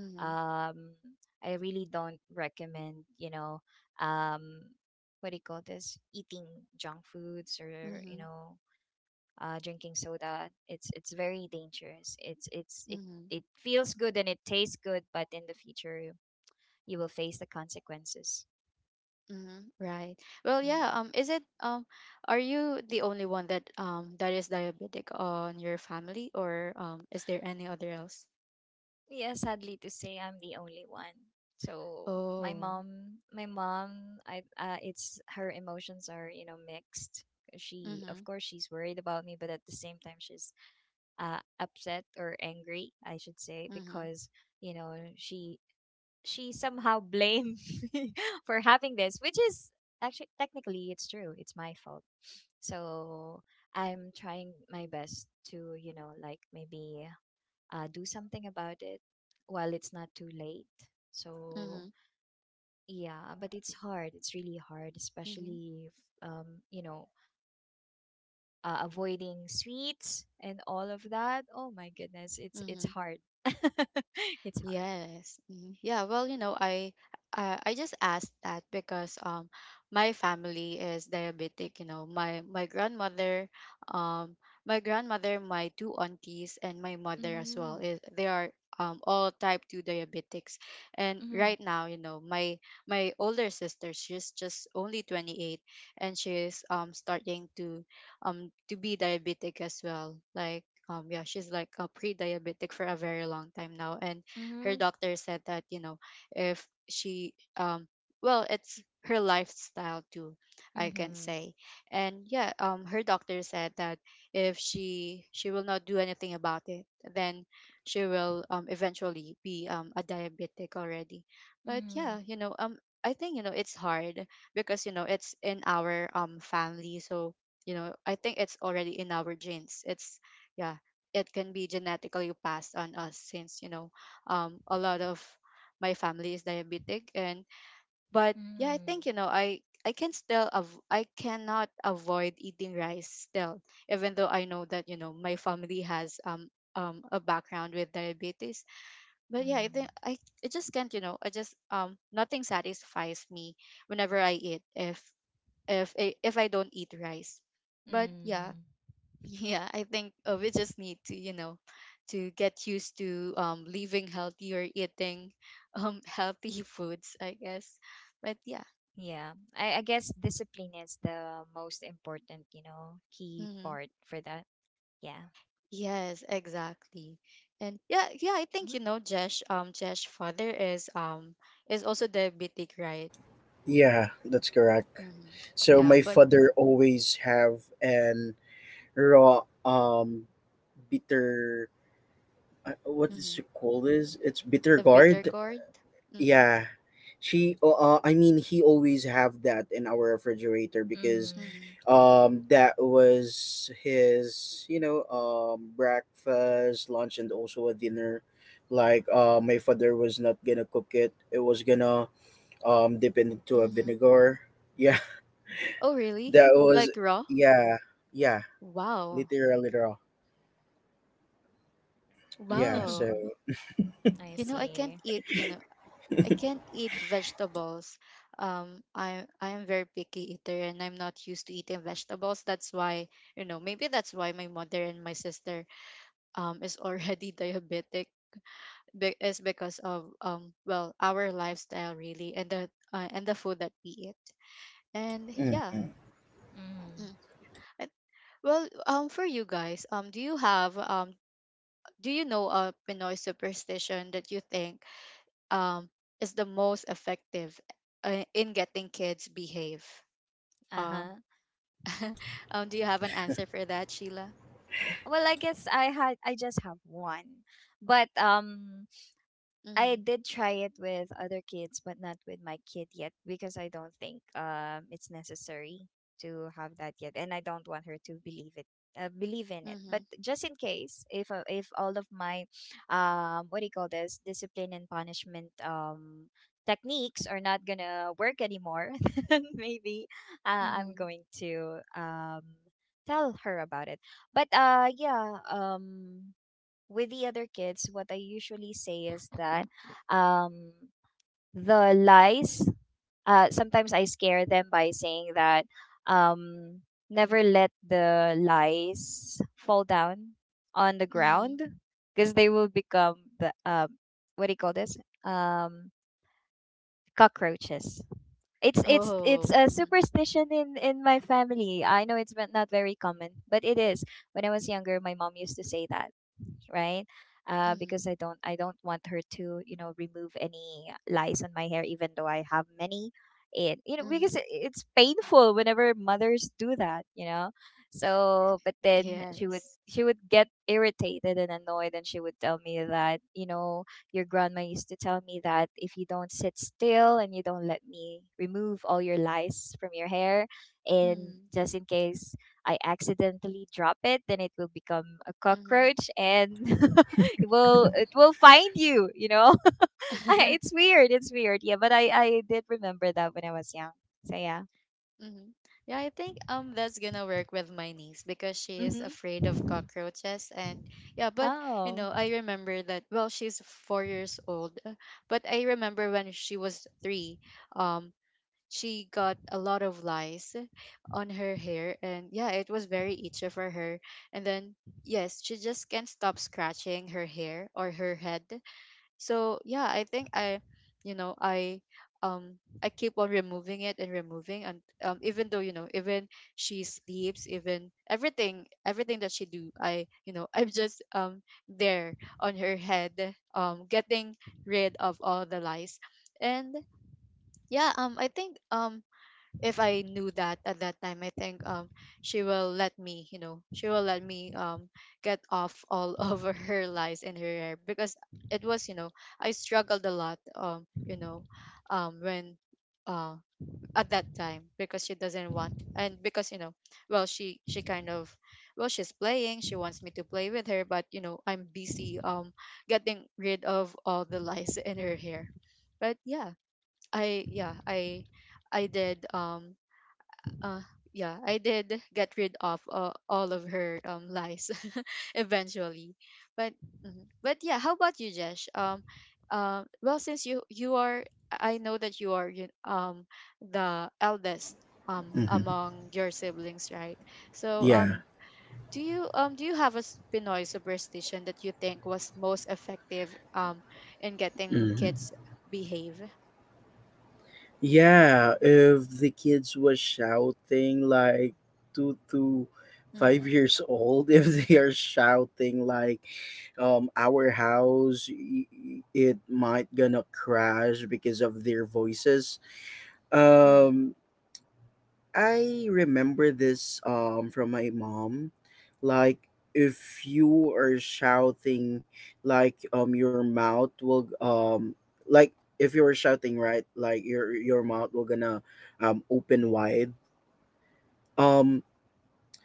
S1: mm-hmm.
S3: I really don't recommend, um, what do you call this? Eating junk foods or,
S1: Mm-hmm.
S3: drinking soda. It's very dangerous. It's it,
S1: Mm-hmm.
S3: it feels good and it tastes good, but in the future you will face the consequences.
S1: Mm-hmm. Right. Well, yeah,
S3: Mhm.
S1: is it are you the only one that that is diabetic on your family, or is there any other else?
S3: Yeah, sadly to say, I'm the only one. So
S1: Oh.
S3: my mom, I it's her emotions are mixed. She,
S1: Mm-hmm.
S3: of course, she's worried about me, but at the same time, she's upset or angry, I should say,
S1: Mm-hmm.
S3: because you know she she somehow blamed me for having this, which is actually technically it's true. It's my fault. So I'm trying my best to like maybe do something about it while it's not too late. So
S1: Mm-hmm.
S3: yeah, but it's hard. It's really hard,
S1: Mm-hmm.
S3: especially if, um, you know, avoiding sweets and all of that. Oh my goodness, it's
S1: Mm-hmm.
S3: hard. It's hard.
S1: Yes. Mhm. Yeah, well, you know, I just asked that because my family is diabetic, you know. My grandmother, um my grandmother, my two aunties and my mother as well
S3: Mm-hmm.
S1: is they are all type 2 diabetics. And
S3: Mm-hmm.
S1: right now, you know, my older sister, she's just only 28, and she's starting to be diabetic as well. Like, yeah, she's like a pre-diabetic for a very long time now, and her
S3: Mm-hmm.
S1: doctor said that, you know, if she well, it's her lifestyle too, I can say. And yeah, her doctor said that if she will not do anything about it, then she will eventually be a diabetic already. But
S3: Mm-hmm.
S1: yeah, you know, I think, you know, it's hard because, you know, it's in our family. So, you know, I think it's already in our genes. It's, yeah, it can be genetically passed on us, since, you know, a lot of my family is diabetic. And but yeah, I
S3: Mm-hmm.
S1: think, you know, I cannot avoid eating rice still, even though I know that, you know, my family has a background with diabetes. But yeah, I think
S3: Mm-hmm.
S1: I just can't, you know, I just, nothing satisfies me whenever I eat, if if I don't eat rice. But yeah.
S3: Mm-hmm.
S1: Yeah, I think, we just need to, you know, to get used to, living healthy or eating, healthy foods, I guess. But yeah.
S3: Yeah, I guess discipline is the most important, key
S1: Hmm.
S3: part for that. Yeah.
S1: Yes, exactly. And yeah, yeah, I think, you know, Jesh, Jesh father is also diabetic, right?
S2: Yeah, that's correct.
S1: Mm-hmm.
S2: So
S1: Yeah,
S2: my
S1: but.
S2: father always have an raw, bitter, what is
S1: Mm-hmm.
S2: she called this? It's bitter
S1: The bitter
S2: gourd.
S1: gourd. Mm-hmm.
S2: Yeah, she. I mean, he always have that in our refrigerator because
S3: Mm-hmm.
S1: Mm-hmm.
S2: that was his breakfast, lunch, and also a dinner. Like, my father was not gonna cook it. It was gonna dip it into a
S1: Mm-hmm.
S2: vinegar. Yeah.
S1: Oh, really?
S2: That was,
S1: Like raw?
S2: yeah, yeah,
S1: Wow,
S2: literal yeah. So,
S1: wow.
S3: I
S1: You know, I can't
S3: see.
S1: eat. You know, I can't eat vegetables. I am very picky eater and I'm not used to eating vegetables. That's why, you know, maybe that's why my mother and my sister is already diabetic. Is because of, well, our lifestyle really, and the food that we eat. And yeah.
S2: mm-hmm,
S3: Mm.
S1: Mm. I- well, for you guys, do you know a Pinoy superstition that you think um is the most effective in getting kids behave?
S3: Uh huh.
S1: Um, do you have an answer for that, Sheila?
S3: Well, I guess I just have one, but
S1: Mm-hmm.
S3: I did try it with other kids, but not with my kid yet because I don't think it's necessary to have that yet, and I don't want her to believe it, believe in it.
S1: Mm-hmm.
S3: But just in case, if all of my, what do you call this, discipline and punishment techniques are not gonna work anymore, then maybe I'm
S1: Mm-hmm.
S3: going to tell her about it. But yeah, with the other kids, what I usually say is that um, the lies, sometimes I scare them by saying that um, never let the lies fall down on the
S1: Mm-hmm.
S3: ground because they will become the what do you call this? Um, cockroaches. It's
S1: Oh.
S3: a
S1: Mm-hmm.
S3: superstition in my family. I know it's not very common, but it is. When I was younger, my mom used to say that, right?
S1: Mm-hmm.
S3: Because I don't want her to remove any lice on my hair, even though I have many. It you know Because
S1: Mm-hmm.
S3: it's painful whenever mothers do that, you know. So, but then
S1: Yes.
S3: she would get irritated and annoyed, and she would tell me that your grandma used to tell me that if you don't sit still and you don't let me remove all your lice from your hair, and
S1: Mm-hmm.
S3: just in case I accidentally drop it, then it will become a cockroach and it will find you. You know,
S1: Mm-hmm.
S3: it's weird. It's weird. Yeah, but I did remember that when I was young. So yeah.
S1: Mm-hmm. Yeah, I think that's gonna work with my niece because she is
S3: Mm-hmm.
S1: afraid of cockroaches. And yeah, but you know,
S3: Oh.
S1: I remember that, well, she's 4 years old, but I remember when she was three, um she got a lot of lice on her hair. And yeah, it was very itchy for her. And then, yes, she just can't stop scratching her hair or her head. So yeah, i think i, you know, um I keep on removing it and removing. And, even though, you know, even she sleeps, even everything that she do, I, you know, I'm just there on her head, getting rid of all the lice. And yeah, I think, if I knew that at that time, I think she will let me, you know, she will let me get off all over her lies in her hair. Because it was, you know, I struggled a lot, you know, when uh at that time because she doesn't want. And because, you know, well, she kind of, well, she's playing, she wants me to play with her. But, you know, I'm busy, getting rid of all the lies in her hair. But yeah, i yeah i I did, uh yeah I did get rid of, all of her lies eventually. But mhm. But yeah, how about you, Jesh? Well, since you are, I know that you are the eldest
S2: mm-hmm,
S1: among your siblings, right? So,
S3: Mm-hmm.
S2: yeah.
S1: do you have a Pinoy superstition that you think was most effective in getting
S2: Mhm.
S1: kids behave?
S2: Yeah, if the kids was shouting like two to
S1: Mm-hmm.
S2: five years old, if they are shouting like, our house, it might gonna crash because of their voices.
S1: Mm-hmm.
S2: Um I remember this from my mom. Like, if you are shouting like, your mouth will, like, if you're shouting right, like your mouth will gonna open wide. Um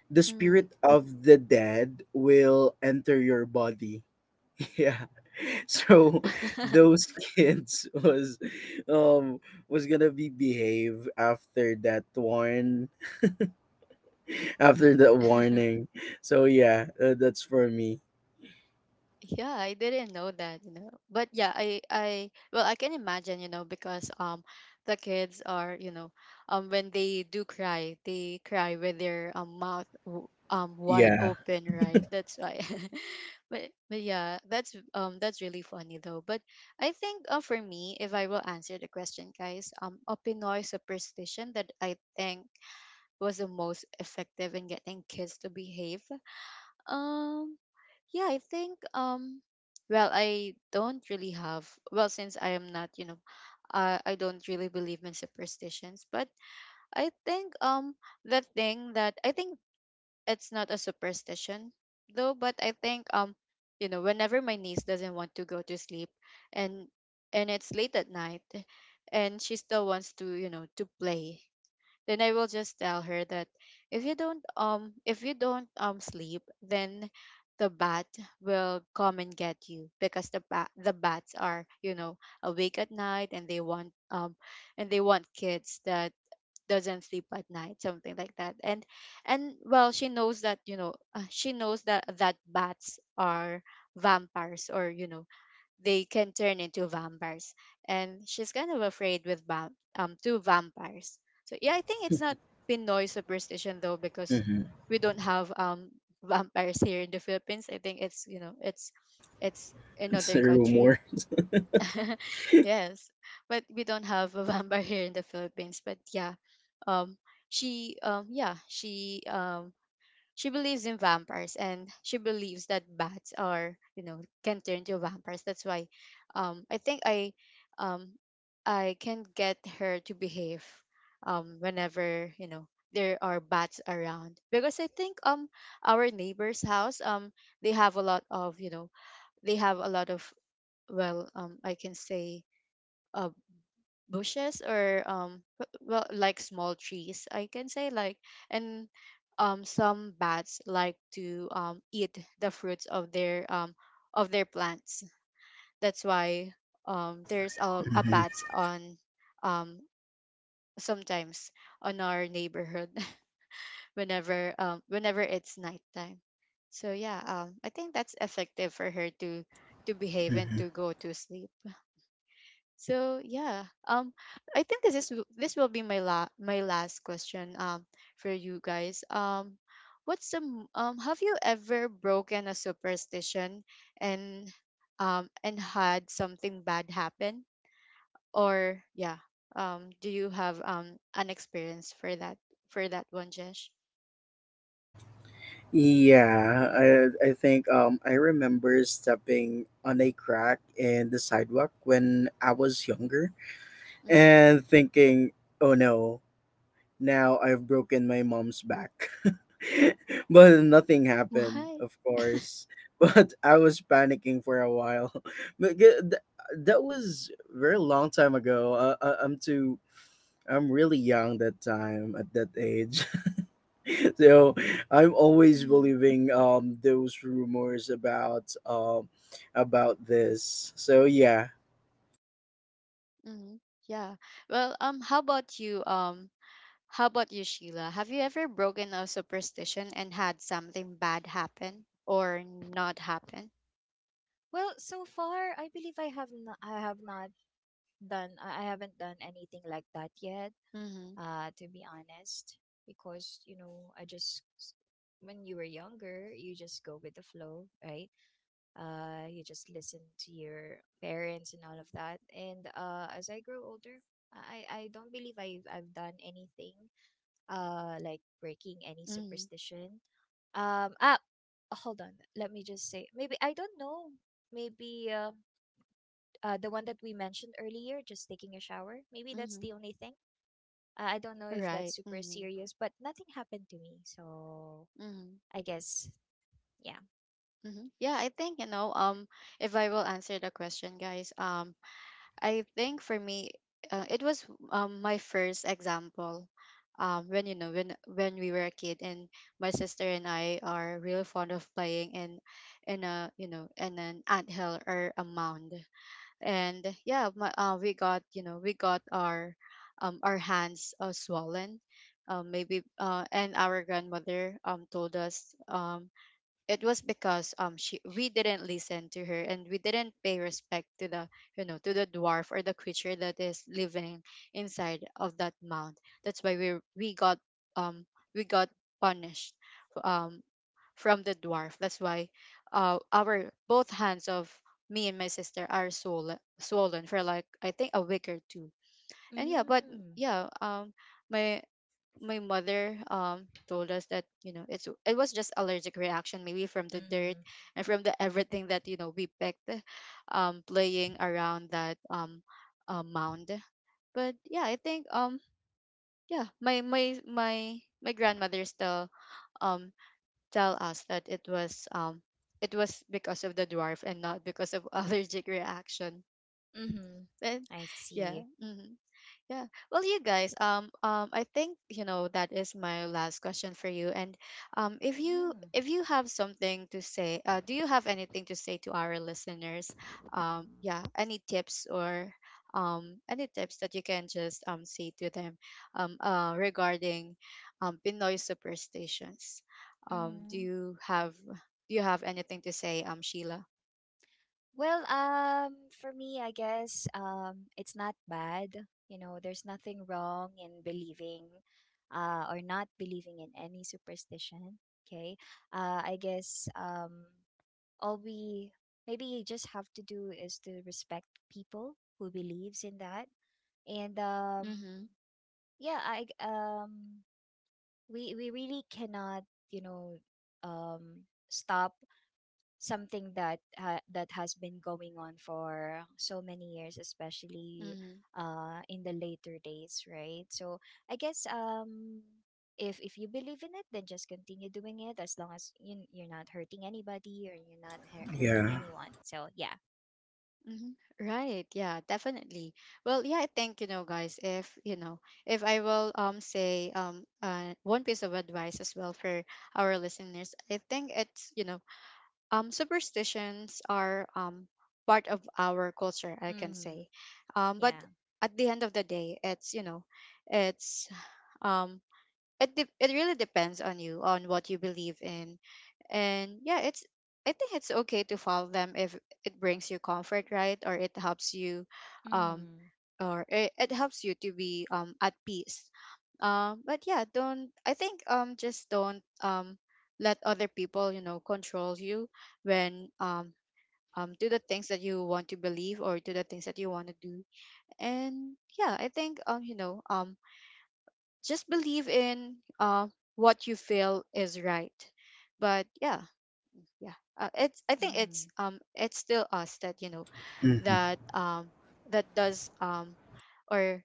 S2: the
S1: Mm-hmm.
S2: spirit of the dead will enter your body. Yeah. So those kids was um was gonna be behave after that one, after that warning. So yeah, that's for me.
S1: Yeah, I didn't know that, you know. But yeah, I well, I can imagine, you know, because the kids are, you know, when they do cry, they cry with their, wide
S2: Yeah.
S1: open, right? That's why. But yeah, that's, that's really funny though. But I think, for me, if I will answer the question, guys, a Pinoy superstition that I think was the most effective in getting kids to behave. um. Yeah, I think, well, I don't really have, well since I am not, you know, I don't really believe in superstitions. But I think, the thing that I think, it's not a superstition though, but I think, you know, whenever my niece doesn't want to go to sleep, and and it's late at night, and she still wants to, you know, to play, then I will just tell her that if you don't sleep, then the bat will come and get you because the bats are, you know, awake at night, and they want kids that doesn't sleep at night, something like that. And well, she knows that, you know, she knows that that bats are vampires, or you know, they can turn into vampires. And she's kind of afraid with, two vampires. So yeah, I think it's not Pinoy superstition though because
S2: Hmm.
S1: we don't have vampires here in the Philippines. I think it's, you know, it's
S2: It's
S1: another
S2: a
S1: country.
S2: rumor.
S1: Yes. But we don't have a vampire here in the Philippines. But yeah, um she, she believes in vampires and she believes that bats are, you know, can turn to vampires, that's why, I think um I can get her to behave whenever, you know, there are bats around. Because I think, our neighbor's house, they have a lot of, you know, they have a lot of, well, I can say, uh, bushes, or well, like small trees I can say, like. And some bats like to eat the fruits of their, of their plants. That's why, there's a
S2: Hmm.
S1: bats on, um sometimes on our neighborhood, whenever it's nighttime. So yeah, I think that's effective for her to behave and
S2: Hmm.
S1: to go to sleep. So yeah, I think this will be my la my last question for you guys. Have you ever broken a superstition and and had something bad happen? Or yeah, do you have an experience for that one, Jesh?
S2: Yeah, I remember stepping on a crack in the sidewalk when I was younger
S1: Mm-hmm.
S2: and thinking, oh no, now I've broken my mom's back. But nothing happened,
S1: What?
S2: of course. But I was panicking for a while. But g- th- that was very long time ago. I'm too. I'm really young that time at that age. So I'm always
S1: Mm-hmm.
S2: believing those rumors about this. So yeah.
S1: Mm-hmm. Yeah. Well, how about you? How about you, Sheila? Have you ever broken a superstition and had something bad happen or not happen?
S3: Well, so far I believe I have not done, I haven't done anything like that yet.
S1: Mm-hmm.
S3: To be honest, because I just, when you were younger, you just go with the flow, right? You just listen to your parents and all of that. And as I grew older, I don't believe I've done anything like breaking any
S1: Mm-hmm.
S3: superstition. Ah, hold on, let me just say maybe I don't know. Maybe the one that we mentioned earlier, just taking a shower. Maybe that's
S1: Mm-hmm.
S3: the only thing. I don't know if that's
S1: Right.
S3: super
S1: Mm-hmm.
S3: serious, but nothing happened to me. So
S1: Mm-hmm.
S3: I guess, yeah.
S1: Mm-hmm. Yeah, I think, you know. If I will answer the question, guys. I think for me, it was my first example. When, you know, when we were a kid, and my sister and I are really fond of playing in an anthill or a mound. And yeah, we got, you know, we got our, our hands, swollen. Maybe, and our grandmother, told us, it was because, she, we didn't listen to her and we didn't pay respect to the, you know, to the dwarf or the creature that is living inside of that mound. That's why we got, um we got punished, um from the dwarf. That's why, our both hands of me and my sister are, swollen for like, I think, a week or two. And yeah. But
S3: Mm.
S1: yeah, my my mother told us that, you know, it was just allergic reaction, maybe from the dirt
S3: Mm-hmm.
S1: and from the everything that, you know, we picked, playing around that, mound. But yeah, I think, yeah, my grandmother still, um tell us that it was, it was because of the dwarf and not because of allergic reaction.
S3: Mm-hmm.
S1: And
S3: I see.
S1: yeah. Hmm. Yeah. Well, you guys, I think, you know, that is my last question for you. And
S3: Mm.
S1: if you have something to say, do you have anything to say to our listeners? Yeah, any tips, or any tips that you can just say to them, regarding Pinoy superstitions? um
S3: Mm-hmm.
S1: do you have do you have anything to say, Sheila?
S3: Well, for me, I guess it's not bad. You know, there's nothing wrong in believing or not believing in any superstition. Okay. I guess all we maybe just have to do is to respect people who believes in that and
S1: Mm-hmm.
S3: yeah, I we really cannot you know stop something that that has been going on for so many years, especially
S1: Mm-hmm.
S3: in the later days, right? So I guess um, if you believe in it, then just continue doing it as long as you, you're not hurting anybody or you're not hurting
S2: Yeah.
S3: anyone. So yeah.
S1: Mhm. Right. Yeah, definitely. Well, yeah, I think, you know, guys, if, you know, if I will, say, one piece of advice as well for our listeners. I think it's, you know, superstitions are, part of our culture, I can
S3: Mm.
S1: say.
S3: Yeah.
S1: But at the end of the day, it's, you know, it's um it really depends on you on what you believe in. And yeah, it's I think it's okay to follow them if it brings you comfort, right? Or it helps you, um
S3: Mm.
S1: or it helps you to be, at peace. But yeah, don't, I think, just don't, let other people, you know, control you, when, do the things that you want to believe or do the things that you want to do. And yeah, I think, you know, just believe in, what you feel is right. But yeah, yeah, it's I think
S3: Mhm.
S1: it's, it's still us that, you know,
S2: Hmm.
S1: that, that does, or,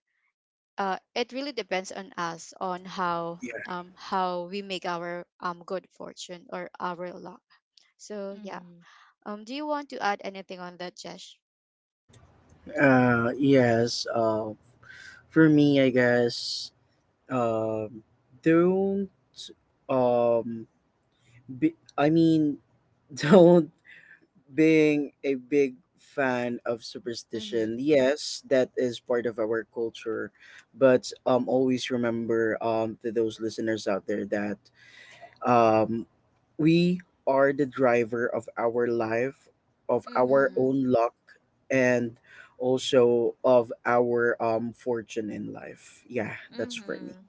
S1: it really depends on us on how, how we make our, good fortune or our luck. So yeah, do you want to add anything on that, Jesh?
S2: Yes. For me, I guess, um, don't um. Be, I mean, don't being a big fan of
S1: Mm-hmm.
S2: superstition. Yes, that is part of our culture, but always remember, to those listeners out there, that um, we are the driver of our life, of
S3: Mhm.
S2: our
S1: Mm-hmm.
S2: own luck, and also of our fortune in life. Yeah, that's for me.
S3: Mm-hmm.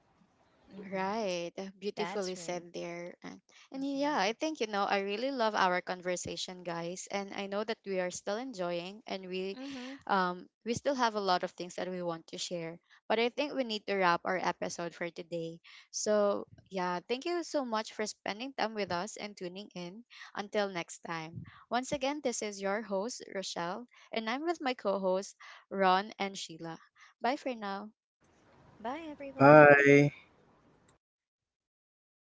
S3: Mm-hmm.
S1: Right.
S3: That's
S1: Beautifully
S3: right.
S1: said there. And
S3: Mm-hmm.
S1: yeah, I think, you know, I really love our conversation, guys. And I know that we are still enjoying, and we
S3: Mm-hmm.
S1: um we still have a lot of things that we want to share. But I think we need to wrap our episode for today. So yeah, thank you so much for spending time with us and tuning in. Until next time. Once again, this is your host, Rochelle, and I'm with my co hosts, Ron and Sheila. Bye for now.
S3: Bye, everyone.
S2: Bye.